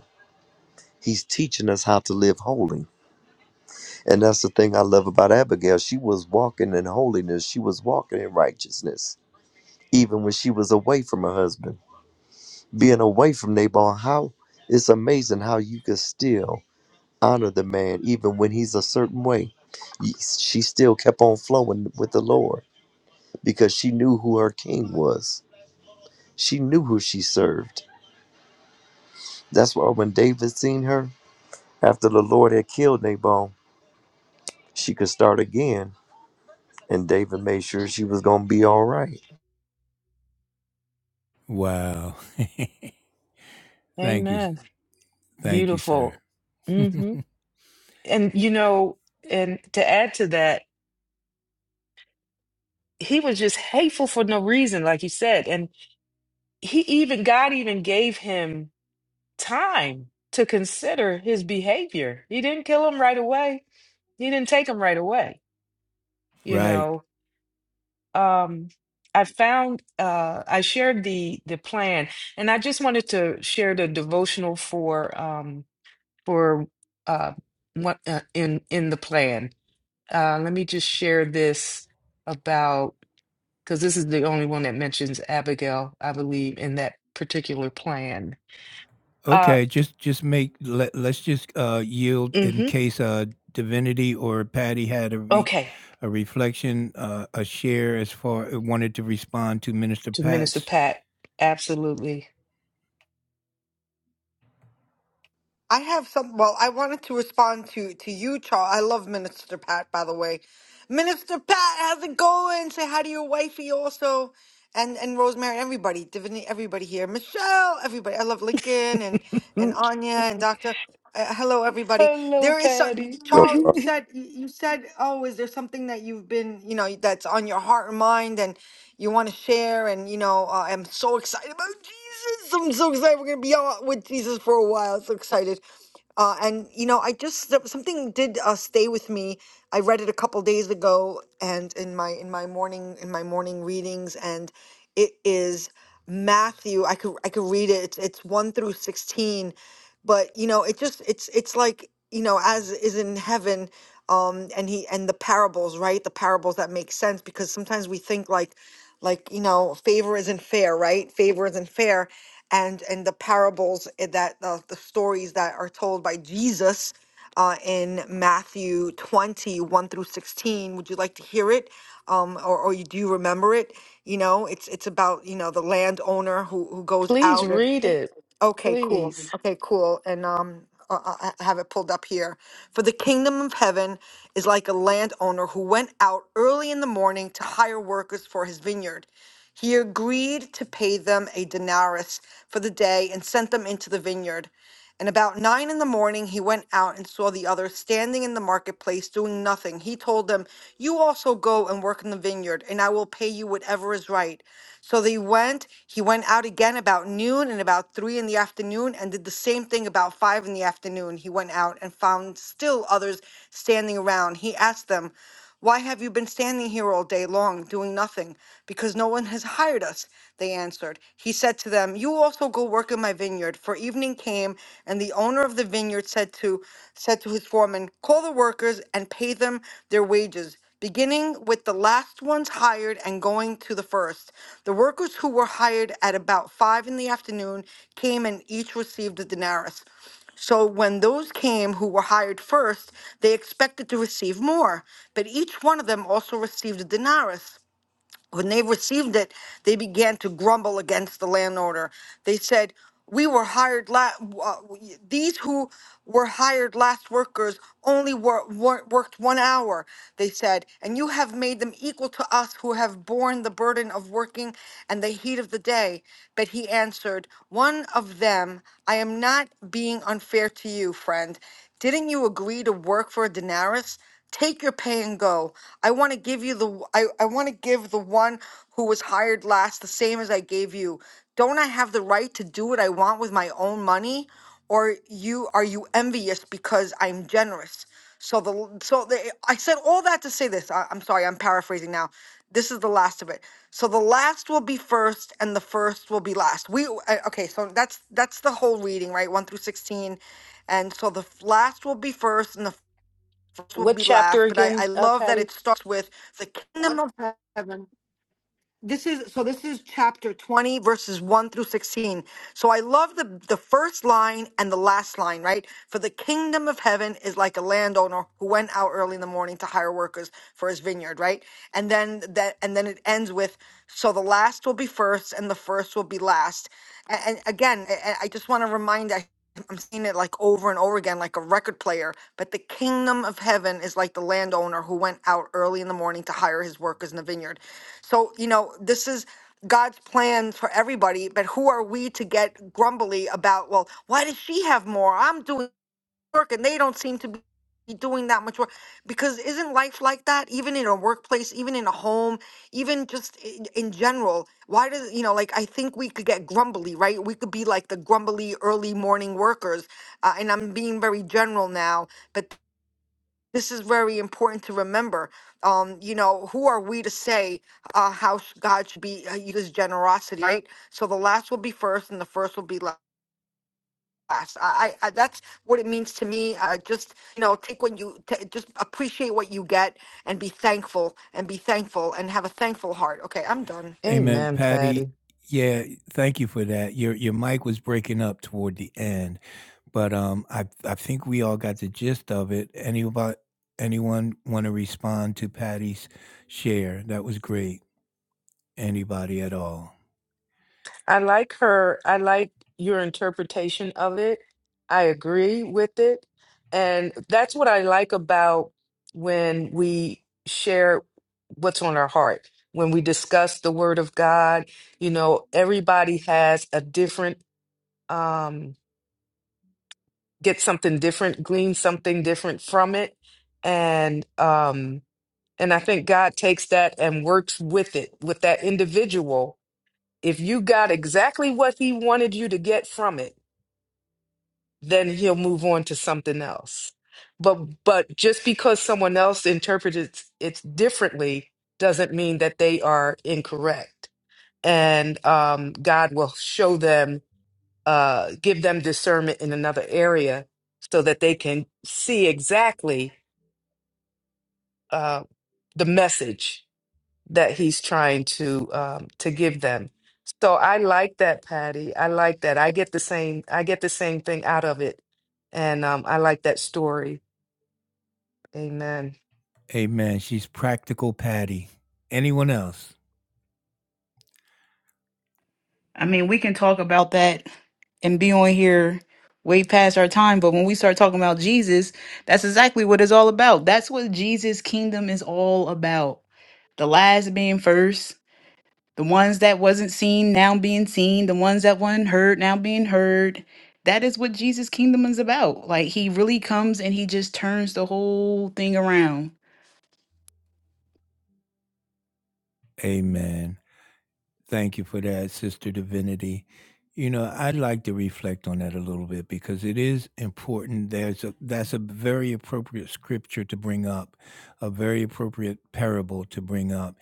Speaker 3: He's teaching us how to live holy. And that's the thing I love about Abigail. She was walking in holiness, she was walking in righteousness, even when she was away from her husband. Being away from Nabal, how it's amazing how you could still honor the man, even when he's a certain way. Y- She still kept on flowing with the Lord because she knew who her king was, she knew who she served. That's why when David seen her after the Lord had killed Nabal, she could start again And David made sure she was going to be all right.
Speaker 2: Wow. Thank you.
Speaker 1: Amen.
Speaker 2: Thank you, sir.
Speaker 1: Beautiful. hmm And, you know, and to add to that, he was just hateful for no reason, like you said. And he even, God even gave him time to consider his behavior. He didn't kill him right away he didn't take them right away you
Speaker 2: right.
Speaker 1: know um i found uh i shared the the plan and i just wanted to share the devotional for um for uh what uh, in in the plan uh let me just share this about because this is the only one that mentions abigail i believe in that particular plan uh
Speaker 2: Okay, just just make let let's just uh, yield in
Speaker 1: hmm
Speaker 2: case uh, Divinity or Patty had a re-
Speaker 1: okay
Speaker 2: a reflection, uh, a share as far uh, wanted to respond to Minister
Speaker 1: to minister
Speaker 2: Pat's.
Speaker 1: pat absolutely
Speaker 5: I have some. Well, I wanted to respond to to you, Charles. I love Minister Pat, by the way. Minister Pat, how's it going? Say hi to your wifey also, and and Rosemary, everybody, Divinity, everybody here, Michelle, everybody. I love Lincoln and and Anya and Doctor. Uh, hello, everybody.
Speaker 1: hello
Speaker 5: There is some
Speaker 1: patty
Speaker 3: Yo,
Speaker 5: Charles.
Speaker 3: uh,
Speaker 5: You said you you said, oh, is there something that you've been, you know, that's on your heart and mind? And you want to share. And, you know, uh, I'm so excited about Jesus. I'm so excited. We're going to be out with Jesus for a while. So excited. Uh, and, you know, I just, some- something did uh, stay with me. I read it a couple days ago and in my, in my morning, in my morning readings. And it is Matthew. I could, I could read it. It's, it's one through 16 but you know it just it's it's like you know as is in heaven um and he and the parables right the parables that make sense because sometimes we think like like you know favor isn't fair right favor isn't fair and and the parables i- that uh, the stories that are told by jesus uh, in matthew twenty one through 16 would you like to hear it um or, or you do you remember it you know it's it's about you know the landowner who who goes
Speaker 1: Please
Speaker 5: out and
Speaker 1: read it.
Speaker 5: Okay, cool.
Speaker 1: Please.
Speaker 5: Okay, cool. And um, I I- I have it pulled up here. For the kingdom of heaven is like a landowner who went out early in the morning to hire workers for his vineyard. He agreed to pay them a denarius for the day and sent them into the vineyard. And about nine in the morning, he went out and saw the others standing in the marketplace doing nothing. He told them, You also go and work in the vineyard, and I will pay you whatever is right. So they went. He went out again about noon and about three in the afternoon, and did the same thing about five in the afternoon. He went out and found still others standing around. He asked them, why have you been standing here all day long doing nothing? Because no one has hired us, they answered. He said to them, You also go work in my vineyard. For evening came, and the owner of the vineyard said to said to his foreman, Call the workers and pay them their wages, beginning with the last ones hired and going to the first. The workers who were hired at about five in the afternoon came and each received a denarius. So when those came who were hired first, they expected to receive more, but each one of them also received a denarius when they received it, they began to grumble against the landowner. They said, "We were hired la- uh, these who were hired last workers only wor- wor- worked one hour." They said, "And you have made them equal to us who have borne the burden of working and the heat of the day." But he answered, "One of them, I am not being unfair to you, friend. Didn't you agree to work for a denarius? take your pay and go. I want to give you the I, I want to give the one who was hired last the same as I gave you. Don't I have the right to do what I want with my own money? Or you are you envious because I'm generous? So the so the, I said all that to say this. I, I'm sorry, I'm paraphrasing now. This is the last of it. So the last will be first, and the first will be last. We uh, okay. So that's that's the whole reading, right? One through sixteen, and so the f- last will be first, and the first will
Speaker 1: What
Speaker 5: be
Speaker 1: chapter
Speaker 5: last, but I, I
Speaker 1: again, uh,
Speaker 5: love that
Speaker 1: Patty?
Speaker 5: it starts with the kingdom of this is so this is chapter 20 verses 1 through 16 so I love the the first line and the last line, right? For the kingdom of heaven is like a landowner who went out early in the morning to hire workers for his vineyard, right? And then that and then it ends with so the last will be first and the first will be last. And, and again, I, I just want to remind I I'm seeing it like over and over again, like a record player. But the kingdom of heaven is like the landowner who went out early in the morning to hire his workers in the vineyard. So, you know, this is God's plans for everybody, but who are we to get grumbly about, well, why does she have more? I'm doing work and they don't seem to be doing that much work. Because isn't life like that, even in a workplace, even in a home, even just in, in general? Why does, you know, like I think we could get grumbly, right? We could be like the grumbly early morning workers. Uh, and I'm being very general now, but. This is very important to remember. Um, you know, who are we to say uh, how s- God should be uh, uses generosity, right? So the last will be first, and the first will be la- last. I, I, I that's what it means to me. Uh, just you know, take what you t- just appreciate what you get, and be thankful, and be thankful, and have a thankful heart. Okay, I'm done.
Speaker 2: Amen,
Speaker 1: Amen,
Speaker 2: Patty.
Speaker 1: Patty.
Speaker 2: Yeah, thank you for that. Your your mic was breaking up toward the end, but um, I I think we all got the gist of it. Anybody anyone want to respond to Patty's share? That was great. Anybody at all?
Speaker 1: I like her. I like your interpretation of it. I agree with it. And that's what I like about when we share what's on our heart. When we discuss the word of God, you know, everybody has a different, um, get something different, glean something different from it. And, um, And I think God takes that and works with it, with that individual. If you got exactly what he wanted you to get from it, then he'll move on to something else. But but just because someone else interpreted it it's differently doesn't mean that they are incorrect. And um, God will show them, uh, give them discernment in another area so that they can see exactly uh, the message that he's trying to um, to give them. So I like that, Patty. I like that. I get the same. I get the same thing out of it, and um, I like that story. Amen.
Speaker 2: Amen. She's practical Patty. Anyone else?
Speaker 4: I mean, we can talk about that and be on here way past our time, but when we start talking about Jesus, that's exactly what it's all about. That's what Jesus' kingdom is all about. The last being first, the ones that wasn't seen now being seen the ones that weren't heard now being heard that is what jesus kingdom is about like he really comes and he just turns the whole thing around
Speaker 2: Amen. Thank you for that, Sister Divinity. You know, I'd like to reflect on that a little bit because it is important. There's a that's a very appropriate scripture to bring up, a very appropriate parable to bring up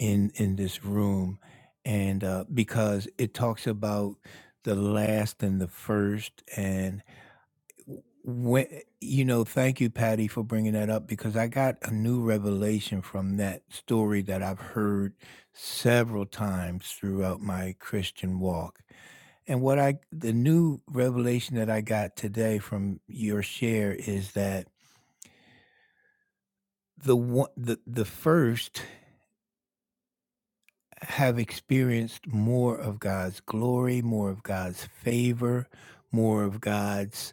Speaker 2: in in this room, and uh, because it talks about the last and the first, and when you know thank you patty for bringing that up because i got a new revelation from that story that i've heard several times throughout my christian walk and what i the new revelation that i got today from your share is that the one the, the first have experienced more of god's glory more of god's favor more of god's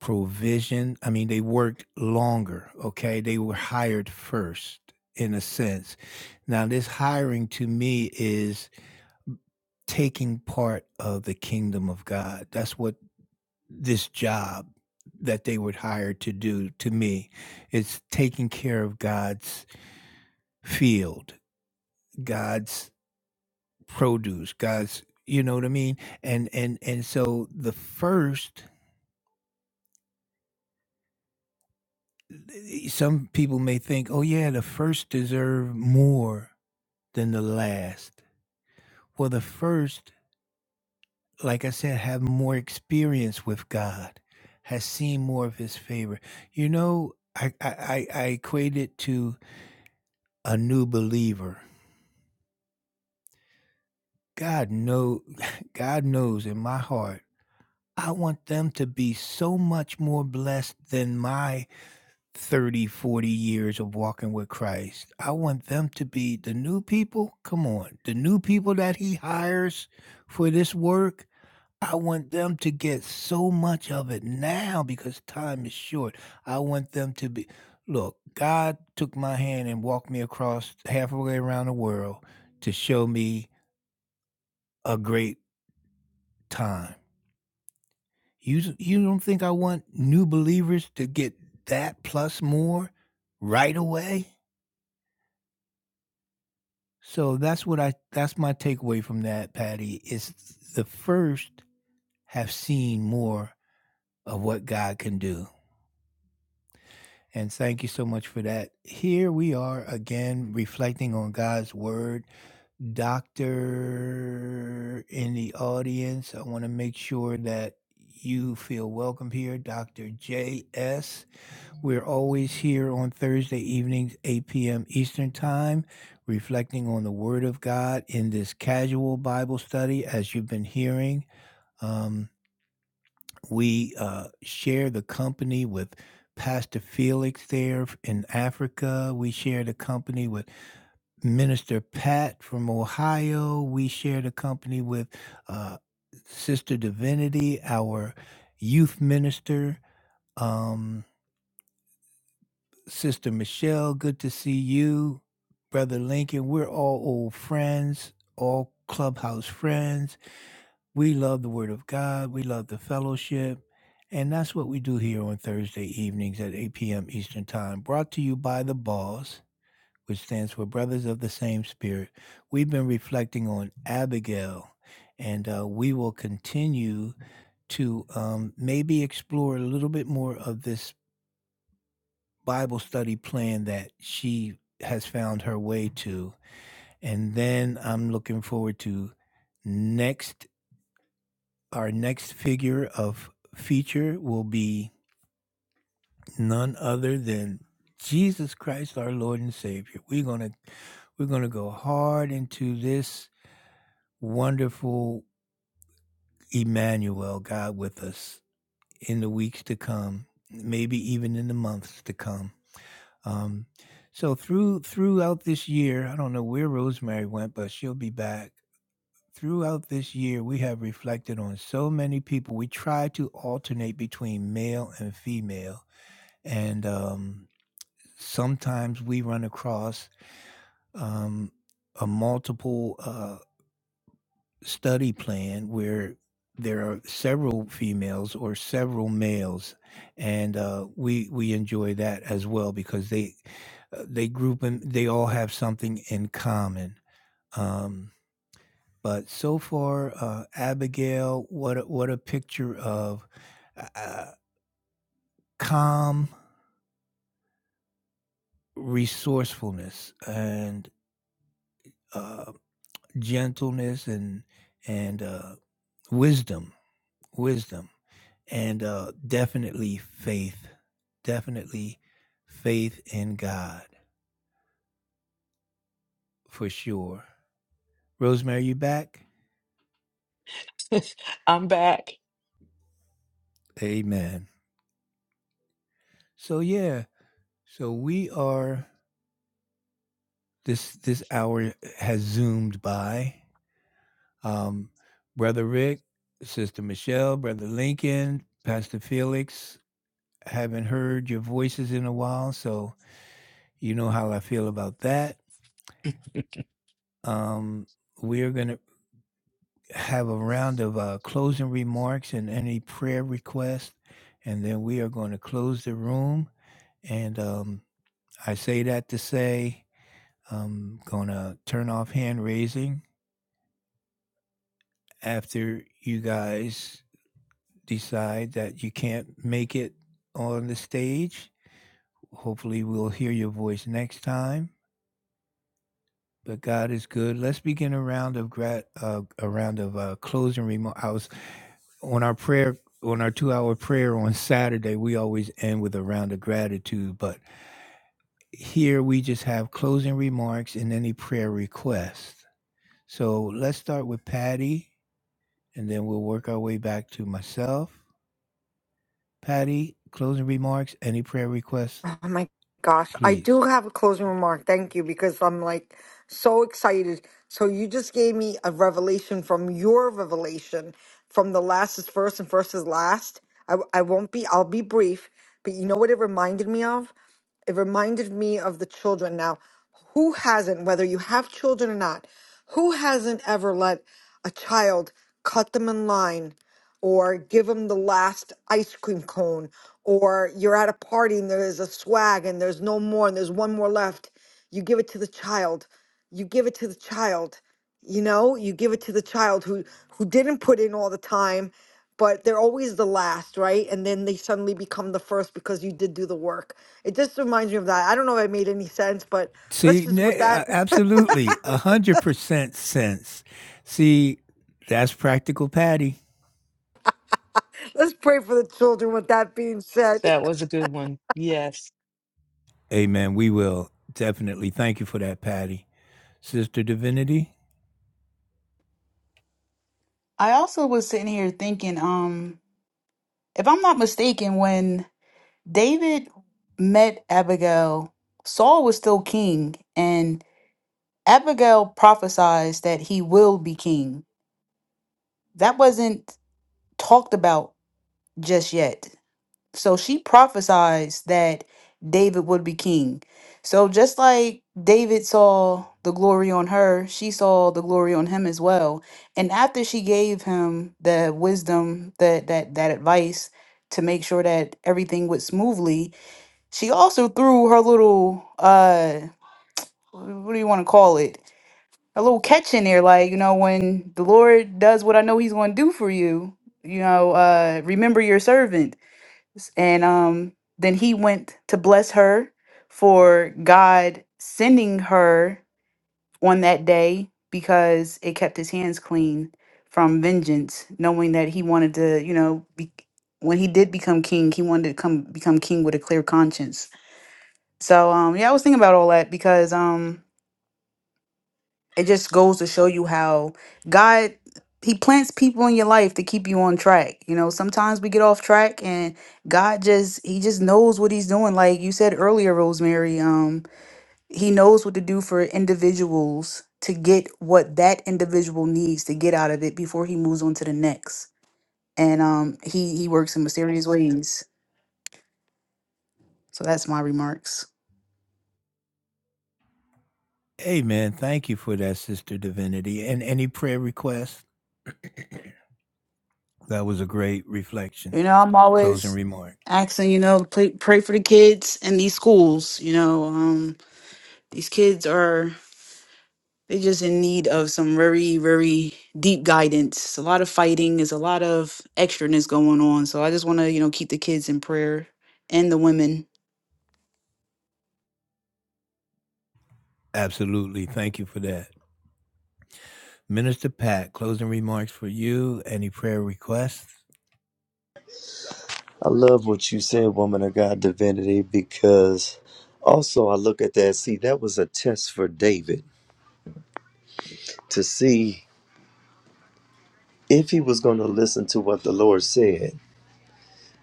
Speaker 2: provision. I mean, they worked longer, okay? They were hired first, in a sense. Now, this hiring to me is taking part of the kingdom of God. That's what this job that they were hired to do to me is taking care of God's field, God's produce, God's you know what I mean? And and and so the first some people may think, "Oh yeah, the first deserve more." than the last. For the first, like I said, have more experience with God, has seen more of his favor. You know, I, I, I I equate it to a new believer. God know God knows in my heart, I want them to be so much more blessed than my 30, 40 years of walking with Christ. I want them to be the new people. Come on, the new people that he hires for this work. I want them to get so much of it now because time is short. I want them to be look, God took my hand and walked me across halfway around the world to show me a great time. You you don't think I want new believers to get that plus more right away? So that's what I that's my takeaway from that, Patty, is the first have seen more of what God can do. And thank you so much for that. Here we are again reflecting on God's word. Doctor in the audience, I want to make sure that you feel welcome here. Dr. J.S., we're always here on Thursday evenings, 8 p.m. Eastern Time, reflecting on the Word of God in this casual Bible study, as you've been hearing. Um, we uh, share the company with Pastor Felix there f- in Africa. We share the company with Minister Pat from Ohio. We share the company with uh, Sister Divinity, our youth minister. Um, Sister Michelle, good to see you. Brother Lincoln, we're all old friends, all clubhouse friends we love the Word of God. We love the fellowship. And that's what we do here on Thursday evenings at 8 p.m. Eastern Time. Brought to you by The Boss, which stands for Brothers of the Same Spirit. We've been reflecting on Abigail, and uh, we will continue to um, maybe explore a little bit more of this Bible study plan that she has found her way to. And then I'm looking forward to next Our next figure of feature will be none other than Jesus Christ, our Lord and Savior. We're gonna we're gonna go hard into this wonderful Emmanuel God with us in the weeks to come, maybe even in the months to come. Um, so through throughout this year, I don't know where Rosemary went, but she'll be back Throughout this year, we have reflected on so many people. We try to alternate between male and female. And um, sometimes we run across um, a multiple uh, study plan where there are several females or several males. And uh, we, we enjoy that as well because they, uh, they group them, they all have something in common. Um, But so far, uh, Abigail, what a, what a picture of uh, uh, calm resourcefulness and uh, gentleness and and uh, wisdom, wisdom, and uh, definitely faith, definitely faith in God for sure. Rosemary, you back?
Speaker 1: I'm back.
Speaker 2: Amen. So yeah, so we are this this hour has zoomed by Um, Brother Rick, Sister Michelle, Brother Lincoln, Pastor Felix, haven't heard your voices in a while, so you know how I feel about that. Um, we are going to have a round of uh, closing remarks and any prayer requests, and then we are going to close the room. And um, I say that to say I'm going to turn off hand raising after you guys decide that you can't make it on the stage, hopefully we'll hear your voice next time. But God is good. Let's begin a round of grat, uh, a round of uh, closing remarks. I was on our prayer, on our two-hour prayer on Saturday. We always end with a round of gratitude, but here we just have closing remarks and any prayer requests. So let's start with Patty, and then we'll work our way back to myself. Patty, closing remarks, any prayer requests,
Speaker 5: Oh my gosh. I
Speaker 2: please.
Speaker 5: do have a closing remark. Thank you, because I'm like so excited. So you just gave me a revelation from your revelation from the last is first and first is last. I, I won't be, I'll be brief, but you know what it reminded me of? It reminded me of the children. Now, who hasn't, whether you have children or not, who hasn't ever let a child cut them in line or give them the last ice cream cone or you're at a party and there's a swag and there's no more and there's one more left you give it to the child you give it to the child you know you give it to the child who who didn't put in all the time but they're always the last right and then they suddenly become the first because you did do the work it just reminds me of that i don't know if I made any sense but let's
Speaker 2: See,
Speaker 5: just with
Speaker 2: ne- uh,
Speaker 5: that
Speaker 2: absolutely, a hundred percent sense. See, that's practical, Patty.
Speaker 5: let's pray for the children with that being said
Speaker 1: That was a good one. Yes,
Speaker 2: Amen. We will definitely thank you for that, Patty, Sister Divinity.
Speaker 4: i also was sitting here thinking um if i'm not mistaken when david met abigail saul was still king and abigail prophesies that he will be king that wasn't talked about just yet So she prophesies that David would be king. So just like David saw the glory on her, she saw the glory on him as well. And after she gave him the wisdom, that that that advice to make sure that everything went smoothly, she also threw her little uh what do you want to call it? A little catch in there, like, you know, when the Lord does what I know he's gonna do for you, you know, uh remember your servant and um then he went to bless her for God sending her on that day because it kept his hands clean from vengeance knowing that he wanted to you know be, when he did become king he wanted to come become king with a clear conscience so um yeah I was thinking about all that because um it just goes to show you how God he plants people in your life to keep you on track. You know, sometimes we get off track and God just he just knows what he's doing. Like you said earlier, Rosemary, um he knows what to do for individuals to get what that individual needs to get out of it before he moves on to the next. And um he he works in mysterious ways. So that's my remarks.
Speaker 2: Amen. Thank you for that, Sister Divinity, and any prayer request. That was a great reflection,
Speaker 4: You know, I'm
Speaker 2: closing
Speaker 4: always
Speaker 2: remark.
Speaker 4: asking, you know, pray, pray for the kids in these schools, you know, um These kids are they just in need of some very, very deep guidance. A lot of fighting, is a lot of extraness going on. So I just wanna, you know, keep the kids in prayer and the women.
Speaker 2: Absolutely, thank you for that. Minister Pat, closing remarks for you. Any prayer requests?
Speaker 3: I love what you said, woman of God divinity, because also I look at that. See, that was a test for David to see if he was going to listen to what the Lord said.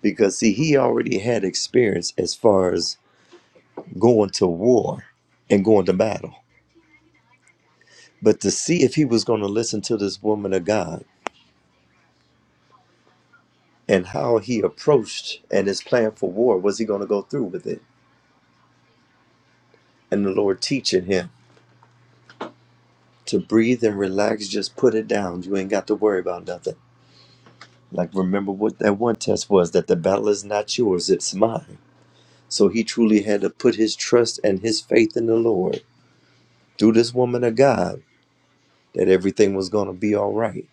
Speaker 3: Because, see, he already had experience as far as going to war and going to battle. But to see if he was going to listen to this woman of God and how he approached and his plan for war, was he going to go through with it? And the Lord teaching him. to breathe and relax, just put it down. You ain't got to worry about nothing. Like, remember what that one test was that the battle is not yours, it's mine. So he truly had to put his trust and his faith in the Lord through this woman of God that everything was going to be all right.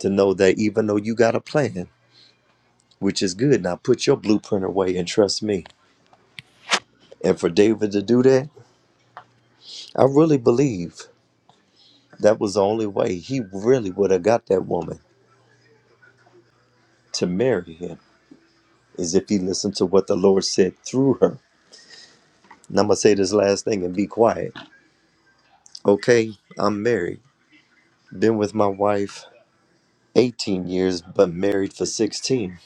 Speaker 3: To know that even though you got a plan, which is good, now put your blueprint away and trust me. And for David to do that, I really believe that was the only way he really would have got that woman to marry him, is if he listened to what the Lord said through her And I'm gonna say this last thing and be quiet. Okay, I'm married. Been with my wife 18 years, but married for 16.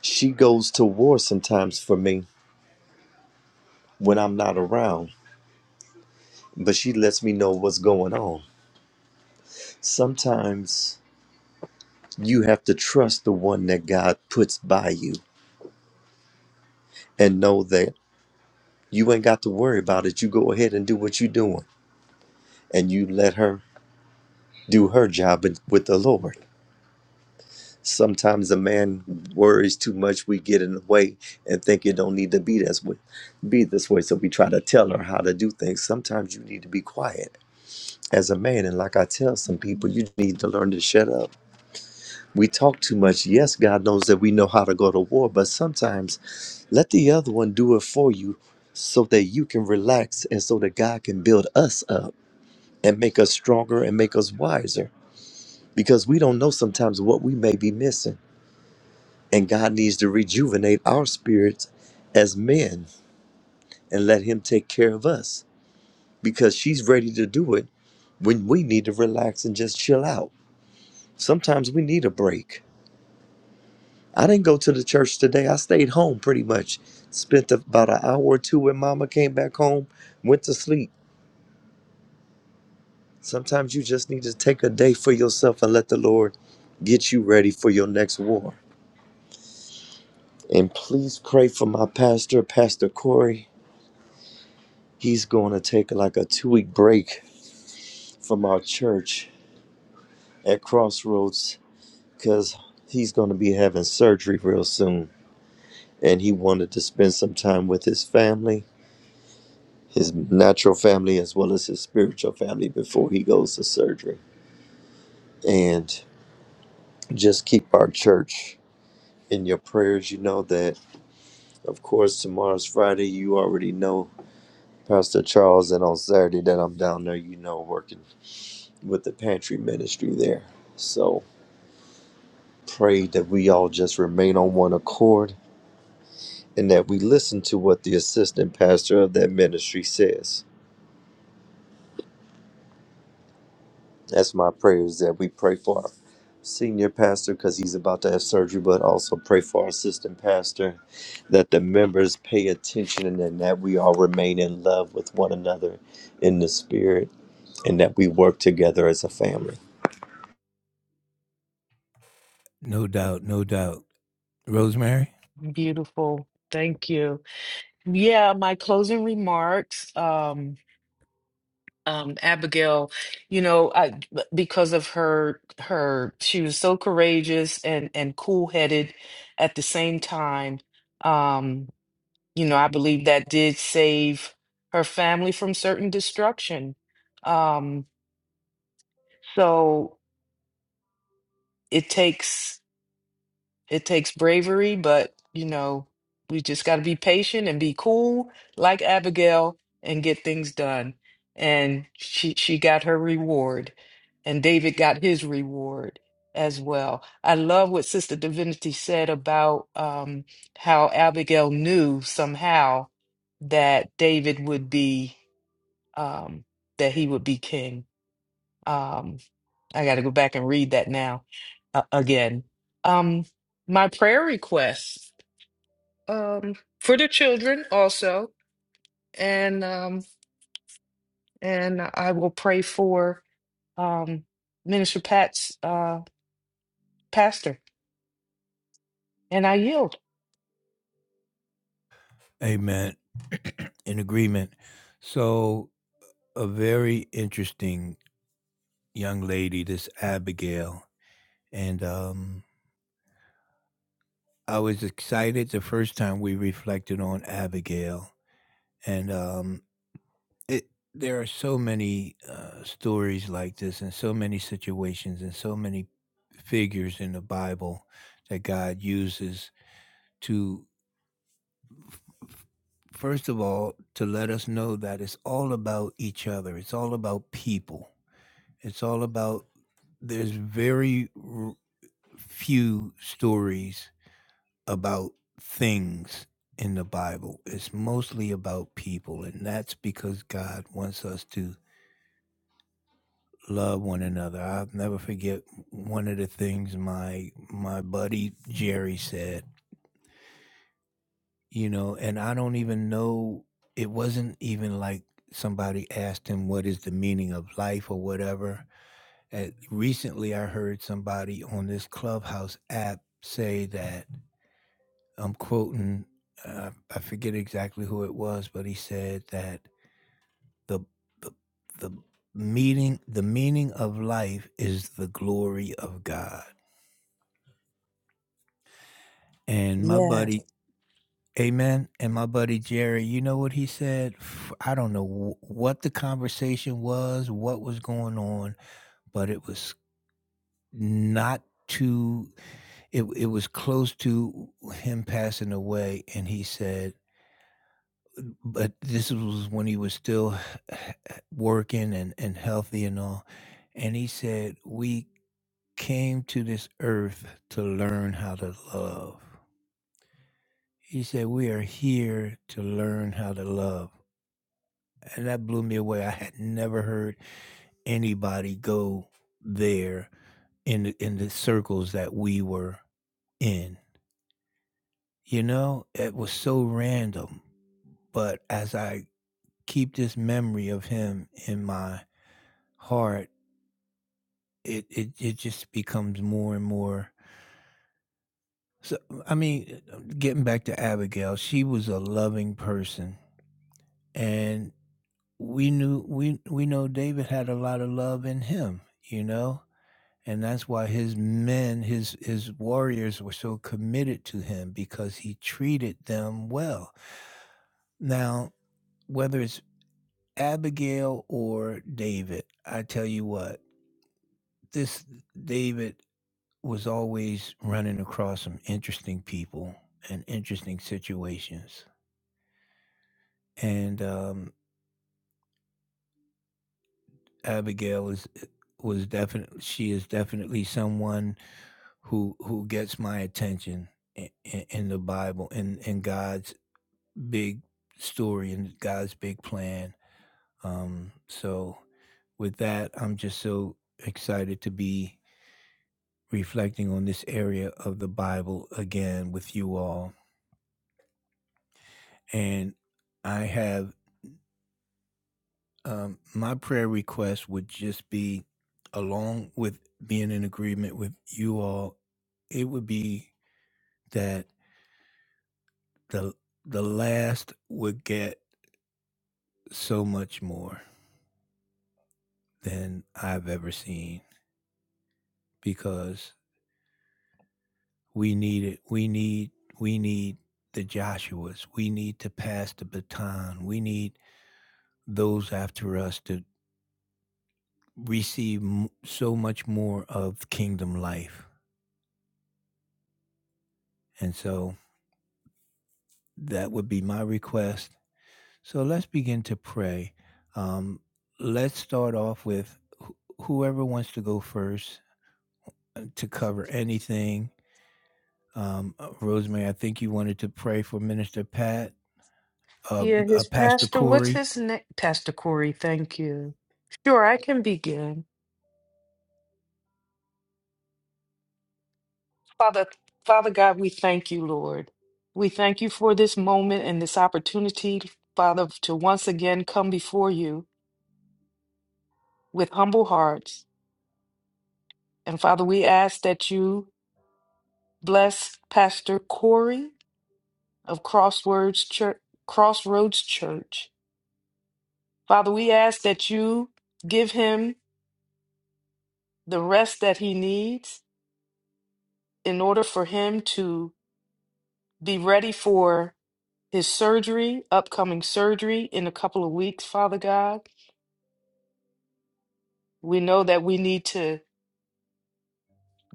Speaker 3: She goes to war sometimes for me when I'm not around, but she lets me know what's going on. Sometimes you have to trust the one that God puts by you and know that you ain't got to worry about it. You go ahead and do what you're doing, and you let her do her job with with the Lord. Sometimes a man worries too much, we get in the way and think it don't need to be this way, be this way. So we try to tell her how to do things. Sometimes you need to be quiet as a man. And like I tell some people, you need to learn to shut up. We talk too much. Yes, God knows that we know how to go to war, but sometimes let the other one do it for you so that you can relax and so that God can build us up and make us stronger and make us wiser. Because we don't know sometimes what we may be missing. And God needs to rejuvenate our spirits as men and let Him take care of us because she's ready to do it when we need to relax and just chill out. Sometimes we need a break. I didn't go to the church today. I stayed home pretty much. Spent about an hour or two when mama came back home, went to sleep. Sometimes you just need to take a day for yourself and let the Lord get you ready for your next war. And please pray for my pastor, Pastor Corey. He's going to take like a two week break from our church at Crossroads because he's going to be having surgery real soon. And he wanted to spend some time with his family, his natural family, as well as his spiritual family before he goes to surgery. And just keep our church in your prayers. You know that, of course, tomorrow's Friday. You already know Pastor Charles, and on Saturday that I'm down there, you know, working with the pantry ministry there. So pray that we all just remain on one accord and that we listen to what the assistant pastor of that ministry says. That's my prayer is that we pray for our senior pastor because he's about to have surgery, but also pray for our assistant pastor, that the members pay attention and then that we all remain in love with one another in the spirit and that we work together as a family.
Speaker 2: No doubt, no doubt. Rosemary?
Speaker 1: beautiful. Thank you. Yeah, my closing remarks. Um, um, Abigail, you know, I, because of her, her, she was so courageous and and cool headed at the same time. Um, you know, I believe that did save her family from certain destruction. Um, so it takes it takes bravery, but you know, we just got to be patient and be cool, like Abigail, and get things done. And she she got her reward, and David got his reward as well. I love what Sister Divinity said about um, how Abigail knew somehow that David would be um, that he would be king. Um, I got to go back and read that now uh, again. Um, my prayer requests um, for the children also, and um, and I will pray for um, Minister Pat's uh, pastor, and I yield.
Speaker 2: Amen. In agreement. So, a very interesting young lady, this Abigail. And um, I was excited the first time we reflected on Abigail. And um, it, there are so many uh, stories like this, and so many situations, and so many figures in the Bible that God uses to first of all, to let us know that it's all about each other. It's all about people. It's all about, there's very r- few stories about things in the Bible. It's mostly about people. And that's because God wants us to love one another. I'll never forget one of the things my my buddy Jerry said. you know, and I don't even know. It wasn't even like somebody asked him what is the meaning of life or whatever. Uh recently, I heard somebody on this Clubhouse app say that I'm quoting. Uh, I forget exactly who it was, but he said that the the the meaning the meaning of life is the glory of God. And my
Speaker 1: Yes.
Speaker 2: buddy Amen. And my buddy Jerry, you know what he said? F- I don't know wh- what the conversation was, what was going on, but it was not too, it, it was close to him passing away. And he said, but this was when he was still working and, and healthy and all. And he said, We came to this earth to learn how to love. He said, We are here to learn how to love. and that blew me away. I had never heard anybody go there in the, in the circles that we were in. You know, it was so random, but as I keep this memory of him in my heart, it it, it just becomes more and more. So, I mean, getting back to Abigail, she was a loving person, and we knew we we know David had a lot of love in him. You know, and that's why his men his his warriors were so committed to him because he treated them well now whether it's abigail or david i tell you what this david was always running across some interesting people and interesting situations and um abigail is was definitely she is definitely someone who who gets my attention in, in the bible and in, in god's big story and God's big plan. Um, so, with that, I'm just so excited to be reflecting on this area of the Bible again with you all. And I have um, my prayer request would just be, along with being in agreement with you all, it would be that the the last would get so much more than I've ever seen because We need it. We need we need the Joshuas. We need to pass the baton. We need those after us to receive m- so much more of kingdom life. And so that would be my request. So let's begin to pray. Um, let's start off with wh- whoever wants to go first to cover anything. Um, uh, Rosemary, I think you wanted to pray for Minister Pat,
Speaker 1: Yeah,
Speaker 2: um, uh,
Speaker 1: his
Speaker 2: Pastor
Speaker 1: pastor. What's
Speaker 2: Corey
Speaker 1: his name? Pastor Corey. Thank you. Sure, I can begin. Father, Father God, we thank you, Lord. We thank you for this moment and this opportunity, Father, to once again come before you with humble hearts. And Father, we ask that you bless Pastor Corey of Crossroads Church. Crossroads Church. Father, we ask that you give him the rest that he needs in order for him to be ready for his surgery, upcoming surgery in a couple of weeks, Father God. We know that we need to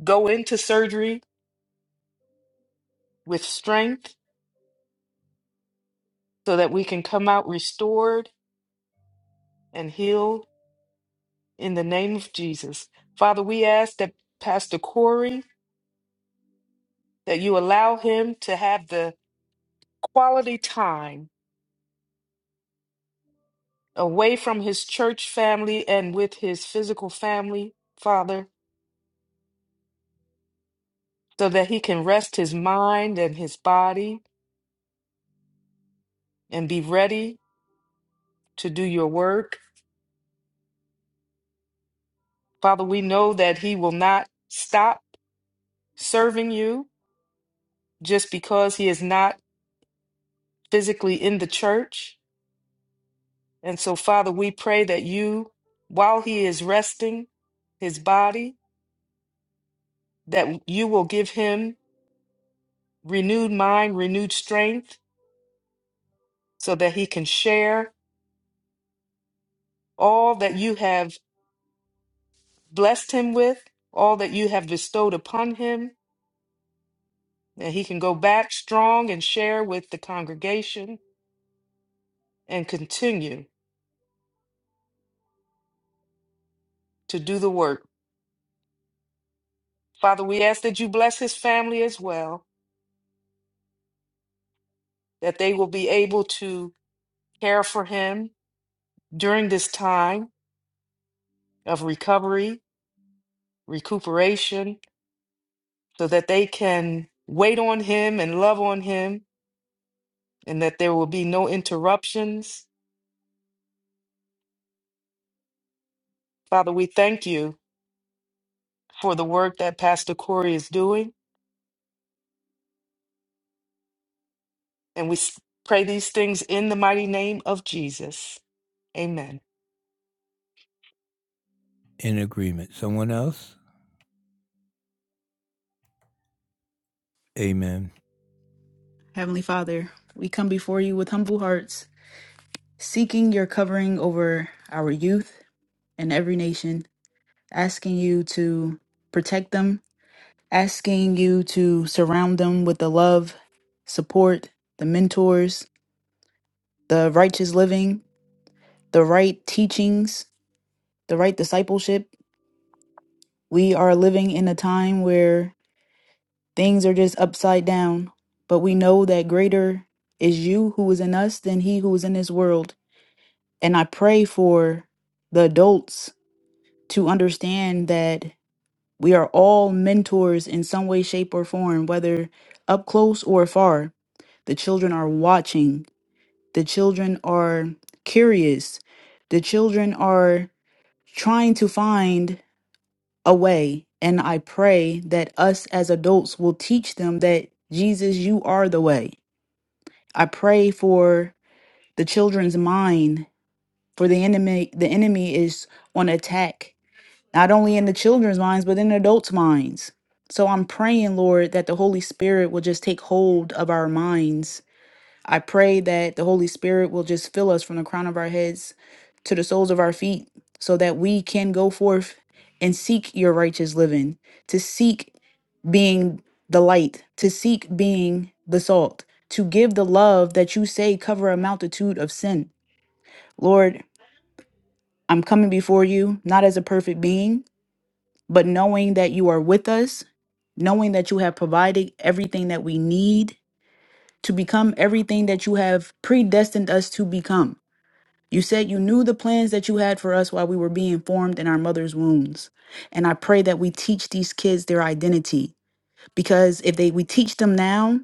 Speaker 1: go into surgery with strength so that we can come out restored and healed in the name of Jesus. Father, we ask that Pastor Corey, that you allow him to have the quality time away from his church family and with his physical family, Father, so that he can rest his mind and his body and be ready to do your work. Father, we know that he will not stop serving you just because he is not physically in the church. And so, Father, we pray that you, while he is resting his body, that you will give him renewed mind, renewed strength, so that he can share all that you have blessed him with, all that you have bestowed upon him, that he can go back strong and share with the congregation and continue to do the work. Father, we ask that you bless his family as well, that they will be able to care for him during this time of recovery, recuperation, so that they can wait on him and love on him and that there will be no interruptions. Father, we thank you for the work that Pastor Corey is doing, and we s- pray these things in the mighty name of Jesus. Amen.
Speaker 2: in agreement. Someone else? Amen.
Speaker 4: Heavenly Father, we come before you with humble hearts, seeking your covering over our youth and every nation, asking you to protect them, asking you to surround them with the love, support, the mentors, the righteous living, the right teachings, the right discipleship. We are living in a time where things are just upside down, but we know that greater is you who is in us than he who is in this world. And I pray for the adults to understand that we are all mentors in some way, shape, or form, whether up close or far. The children are watching, the children are curious, the children are trying to find away. And I pray that us as adults will teach them that Jesus, you are the way. I pray for the children's mind, for the enemy the enemy is on attack, not only in the children's minds, but in adults' minds. So I'm praying, Lord, that the Holy Spirit will just take hold of our minds. I pray that the Holy Spirit will just fill us from the crown of our heads to the soles of our feet so that we can go forth and seek your righteous living, to seek being the light, to seek being the salt, to give the love that you say cover a multitude of sin. Lord, I'm coming before you, not as a perfect being, but knowing that you are with us, knowing that you have provided everything that we need to become everything that you have predestined us to become. You said you knew the plans that you had for us while we were being formed in our mother's wombs. And I pray that we teach these kids their identity because if they we teach them now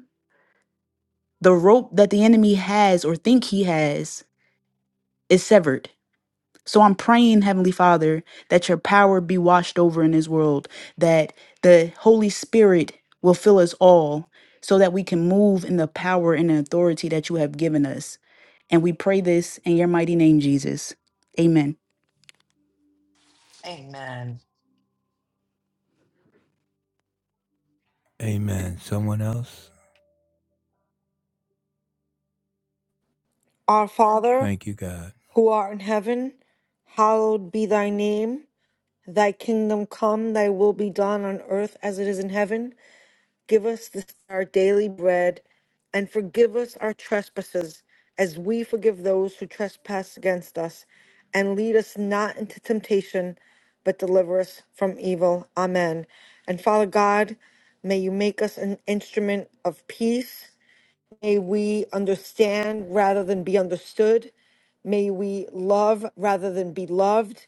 Speaker 4: the rope that the enemy has or think he has is severed. So I'm praying, Heavenly Father, that your power be washed over in this world, that the Holy Spirit will fill us all so that we can move in the power and the authority that you have given us. And we pray this in your mighty name, Jesus. Amen.
Speaker 1: Amen.
Speaker 2: Amen. Someone else?
Speaker 5: our father
Speaker 2: Thank you, God.
Speaker 5: who art in heaven hallowed be thy name Thy kingdom come, thy will be done on earth as it is in heaven. Give us this our daily bread, and forgive us our trespasses, as we forgive those who trespass against us. And lead us not into temptation, but deliver us from evil. Amen. And Father God, may you make us an instrument of peace May we understand rather than be understood. May we love rather than be loved.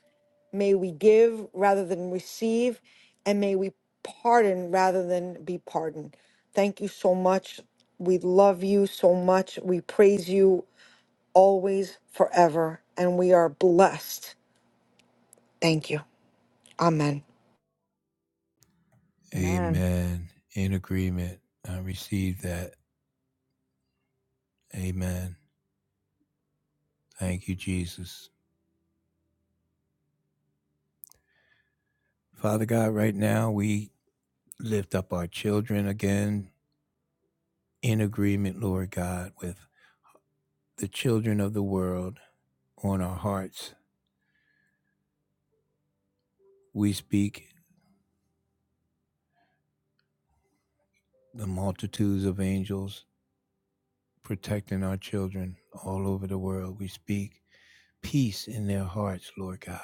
Speaker 5: May we give rather than receive. And may we pardon rather than be pardoned. Thank you so much. We love you so much. We praise you always, forever. And we are blessed. Thank you. Amen.
Speaker 1: Amen.
Speaker 2: Amen. In agreement. I receive that. Amen. Thank you, Jesus. Father God, right now we lift up our children again in agreement, Lord God, with the children of the world on our hearts. We speak the multitudes of angels protecting our children all over the world. We speak peace in their hearts, Lord God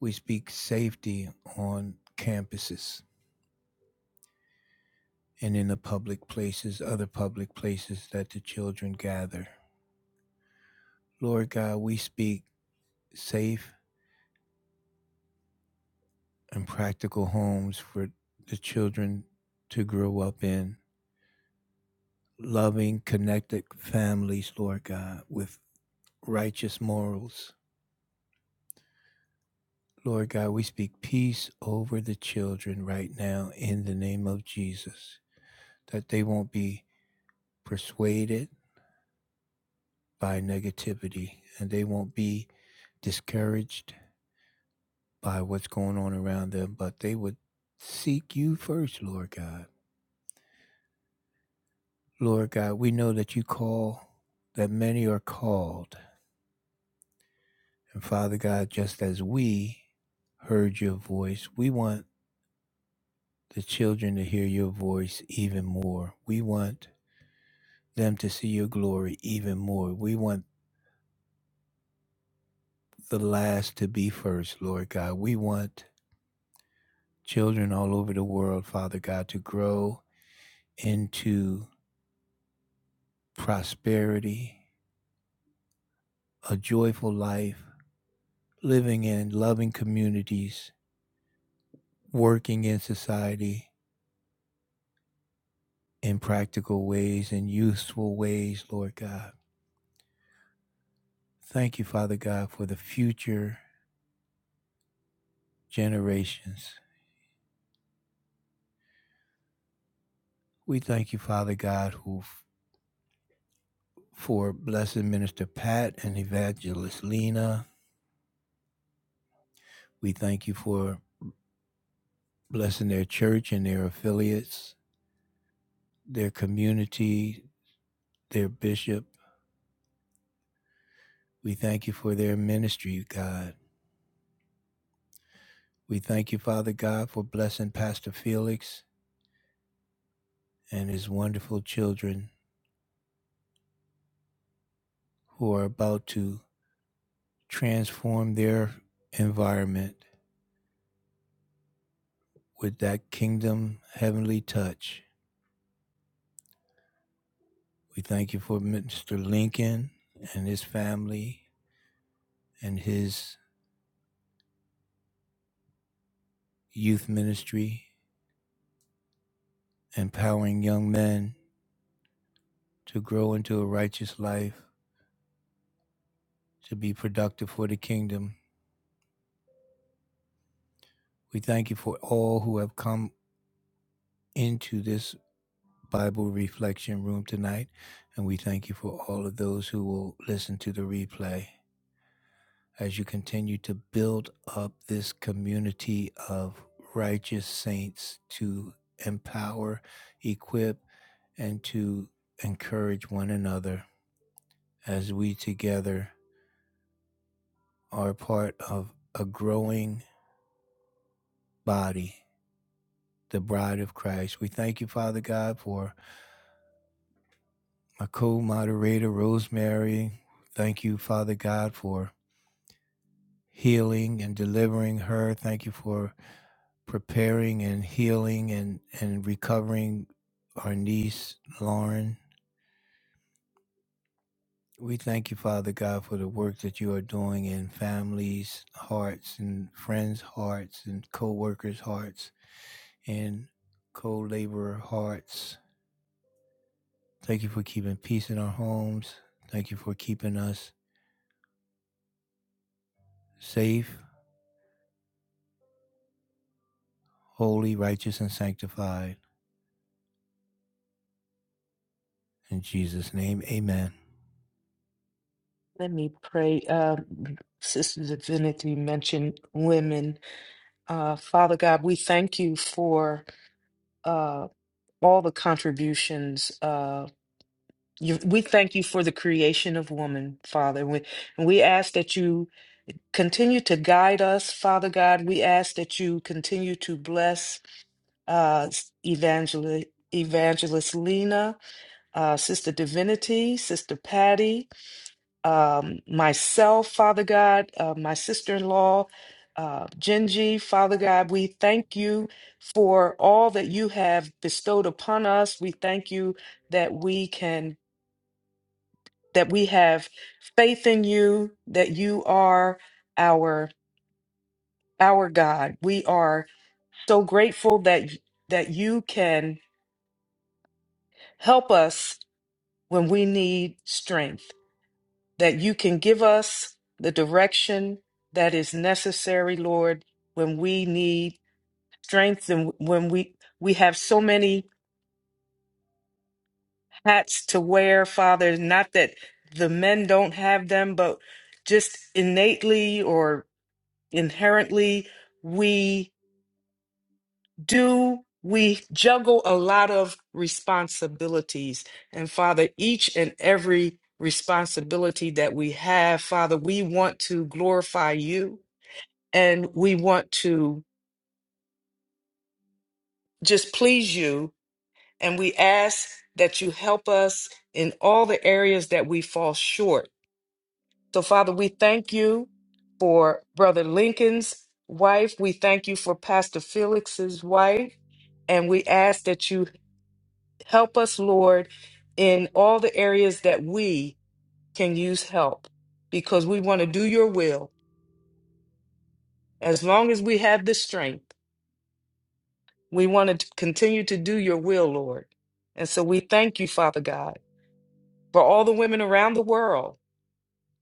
Speaker 2: We speak safety on campuses and in the public places, other public places that the children gather. Lord God, we speak safe and practical homes for the children to grow up in. Loving, connected families, Lord God, with righteous morals. Lord God, we speak peace over the children right now in the name of Jesus, that they won't be persuaded by negativity and they won't be discouraged by what's going on around them, but they would seek you first, Lord God. Lord God, we know that you call, that many are called. And Father God, just as we heard your voice, we want the children to hear your voice even more. We want them to see your glory even more. We want the last to be first, Lord God. We want children all over the world, Father God, to grow into prosperity, a joyful life, living in loving communities, working in society in practical ways and useful ways, Lord God. Thank you, Father God, for the future generations. We thank you, Father God, who for blessed Minister Pat and Evangelist Lena. We thank you for blessing their church and their affiliates, their community, their bishop, We thank you for their ministry, God. We thank you, Father God, for blessing Pastor Felix and his wonderful children who are about to transform their environment with that kingdom heavenly touch. We thank you for Mr. Lincoln and his family and his youth ministry, empowering young men to grow into a righteous life, to be productive for the kingdom. We thank you for all who have come into this Bible Reflection Room tonight, and we thank you for all of those who will listen to the replay as you continue to build up this community of righteous saints to empower, equip, and to encourage one another as we together are part of a growing body, the bride of Christ. We thank you, Father God, for my co moderator, Rosemary. Thank you, Father God, for healing and delivering her. Thank you for preparing and healing and, and recovering our niece, Lauren. We thank you, Father God, for the work that you are doing in families' hearts and friends' hearts and co workers' hearts and co laborer hearts. Thank you for keeping peace in our homes. Thank you for keeping us safe, holy, righteous, and sanctified. In Jesus' name, amen.
Speaker 1: Let me pray. Um, Sister Divinity mentioned women. Uh, Father God, we thank you for. all the contributions. Uh, you, we thank you for the creation of woman, Father. And we, and we ask that you continue to guide us, Father God. We ask that you continue to bless uh, Evangelist, Evangelist Lena, uh, Sister Divinity, Sister Patty, um, myself, Father God, uh, my sister in law, uh, Genji, Father God, we thank you for all that you have bestowed upon us. We thank you that we can, that we have faith in you, that you are our our God. We are so grateful that that you can help us when we need strength. that you can give us the direction that is necessary, Lord, when we need strength and when we we have so many hats to wear, Father, not that the men don't have them, but just innately or inherently we do we juggle a lot of responsibilities. And Father, each and every responsibility that we have, Father, we want to glorify you. and we want to just please you. And we ask that you help us in all the areas that we fall short. So, Father, we thank you for Brother Lincoln's wife. We thank you for Pastor Felix's wife. And we ask that you help us, Lord, in all the areas that we can use help because we want to do your will as long as we have the strength. We want to continue to do your will, Lord. And so we thank you, Father God, for all the women around the world,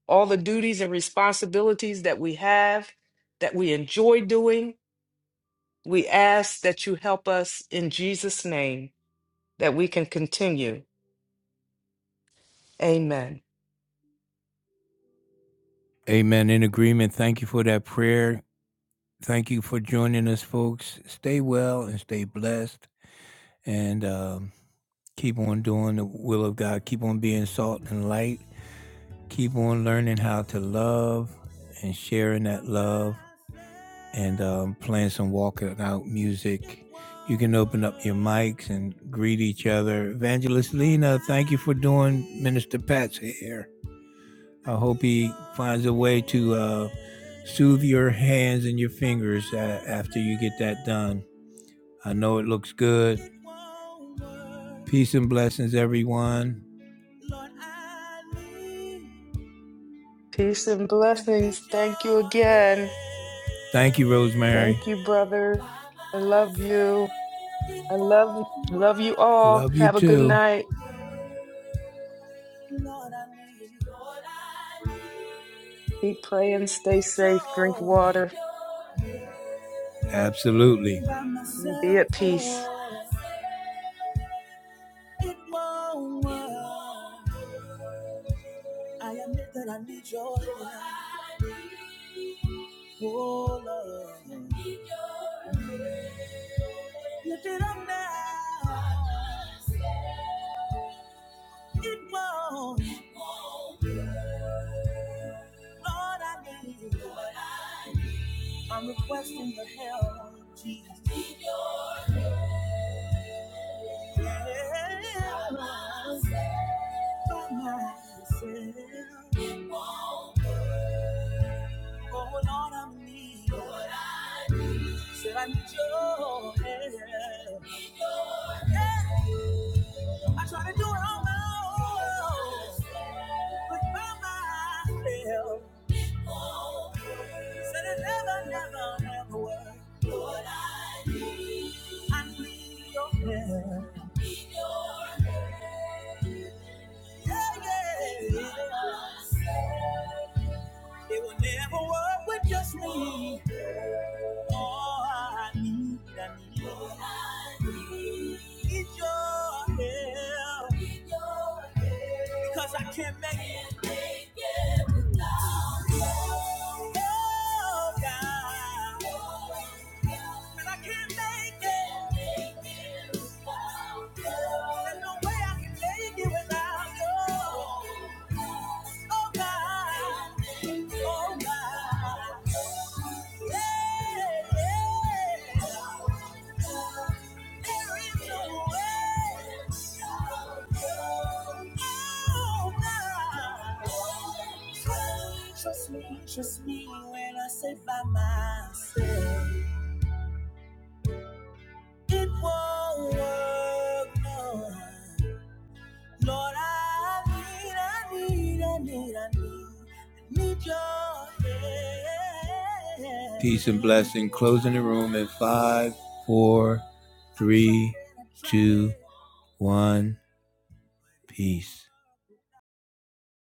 Speaker 1: all the duties and responsibilities that we have, that we enjoy doing. We ask that you help us in Jesus' name that we can continue. Amen.
Speaker 2: Amen. In agreement. Thank you for that prayer. Thank you for joining us, folks. Stay well and stay blessed. And um, keep on doing the will of God. Keep on being salt and light. Keep on learning how to love and sharing that love and um, playing some walking out music. You can open up your mics and greet each other. Evangelist Lena, thank you for doing Minister Pat's hair. I hope he finds a way to uh, soothe your hands and your fingers uh, after you get that done. I know it looks good. Peace and blessings, everyone.
Speaker 1: Peace and
Speaker 2: I need
Speaker 1: blessings. Thank you
Speaker 2: your help.
Speaker 1: again.
Speaker 2: Thank you, Rosemary.
Speaker 1: Thank you, brother. I love you. I love love you all.
Speaker 2: Love you
Speaker 1: Have a good
Speaker 2: too. Lord,
Speaker 1: night.
Speaker 2: I need, Lord, I need
Speaker 1: Keep praying, stay
Speaker 2: need
Speaker 1: safe, drink
Speaker 2: your, need
Speaker 1: water.
Speaker 2: your help. Absolutely. By
Speaker 1: Be
Speaker 2: myself,
Speaker 1: at peace.
Speaker 2: oh. It won't work. I admit that I need your help. Oh Lord, lift it up now. It won't. Lord, I need. I'm requesting the help, of Jesus. I need your help. Yeah. I try to do it on my own, but by myself. Said it never, never, never will. Lord, I need. I need your help. I need your help. Yeah, yeah. I need myself. It will never work with just me. All I need, I need your help. Need your help. Because I can't make it. Oh, God. And I can't make it. There's no way Trust me, trust me when I say by myself, it won't work. No. Lord, I need, I need, I need, I need, I need your hand. Peace and blessing. Closing the room in five, four, three, two, one. Peace.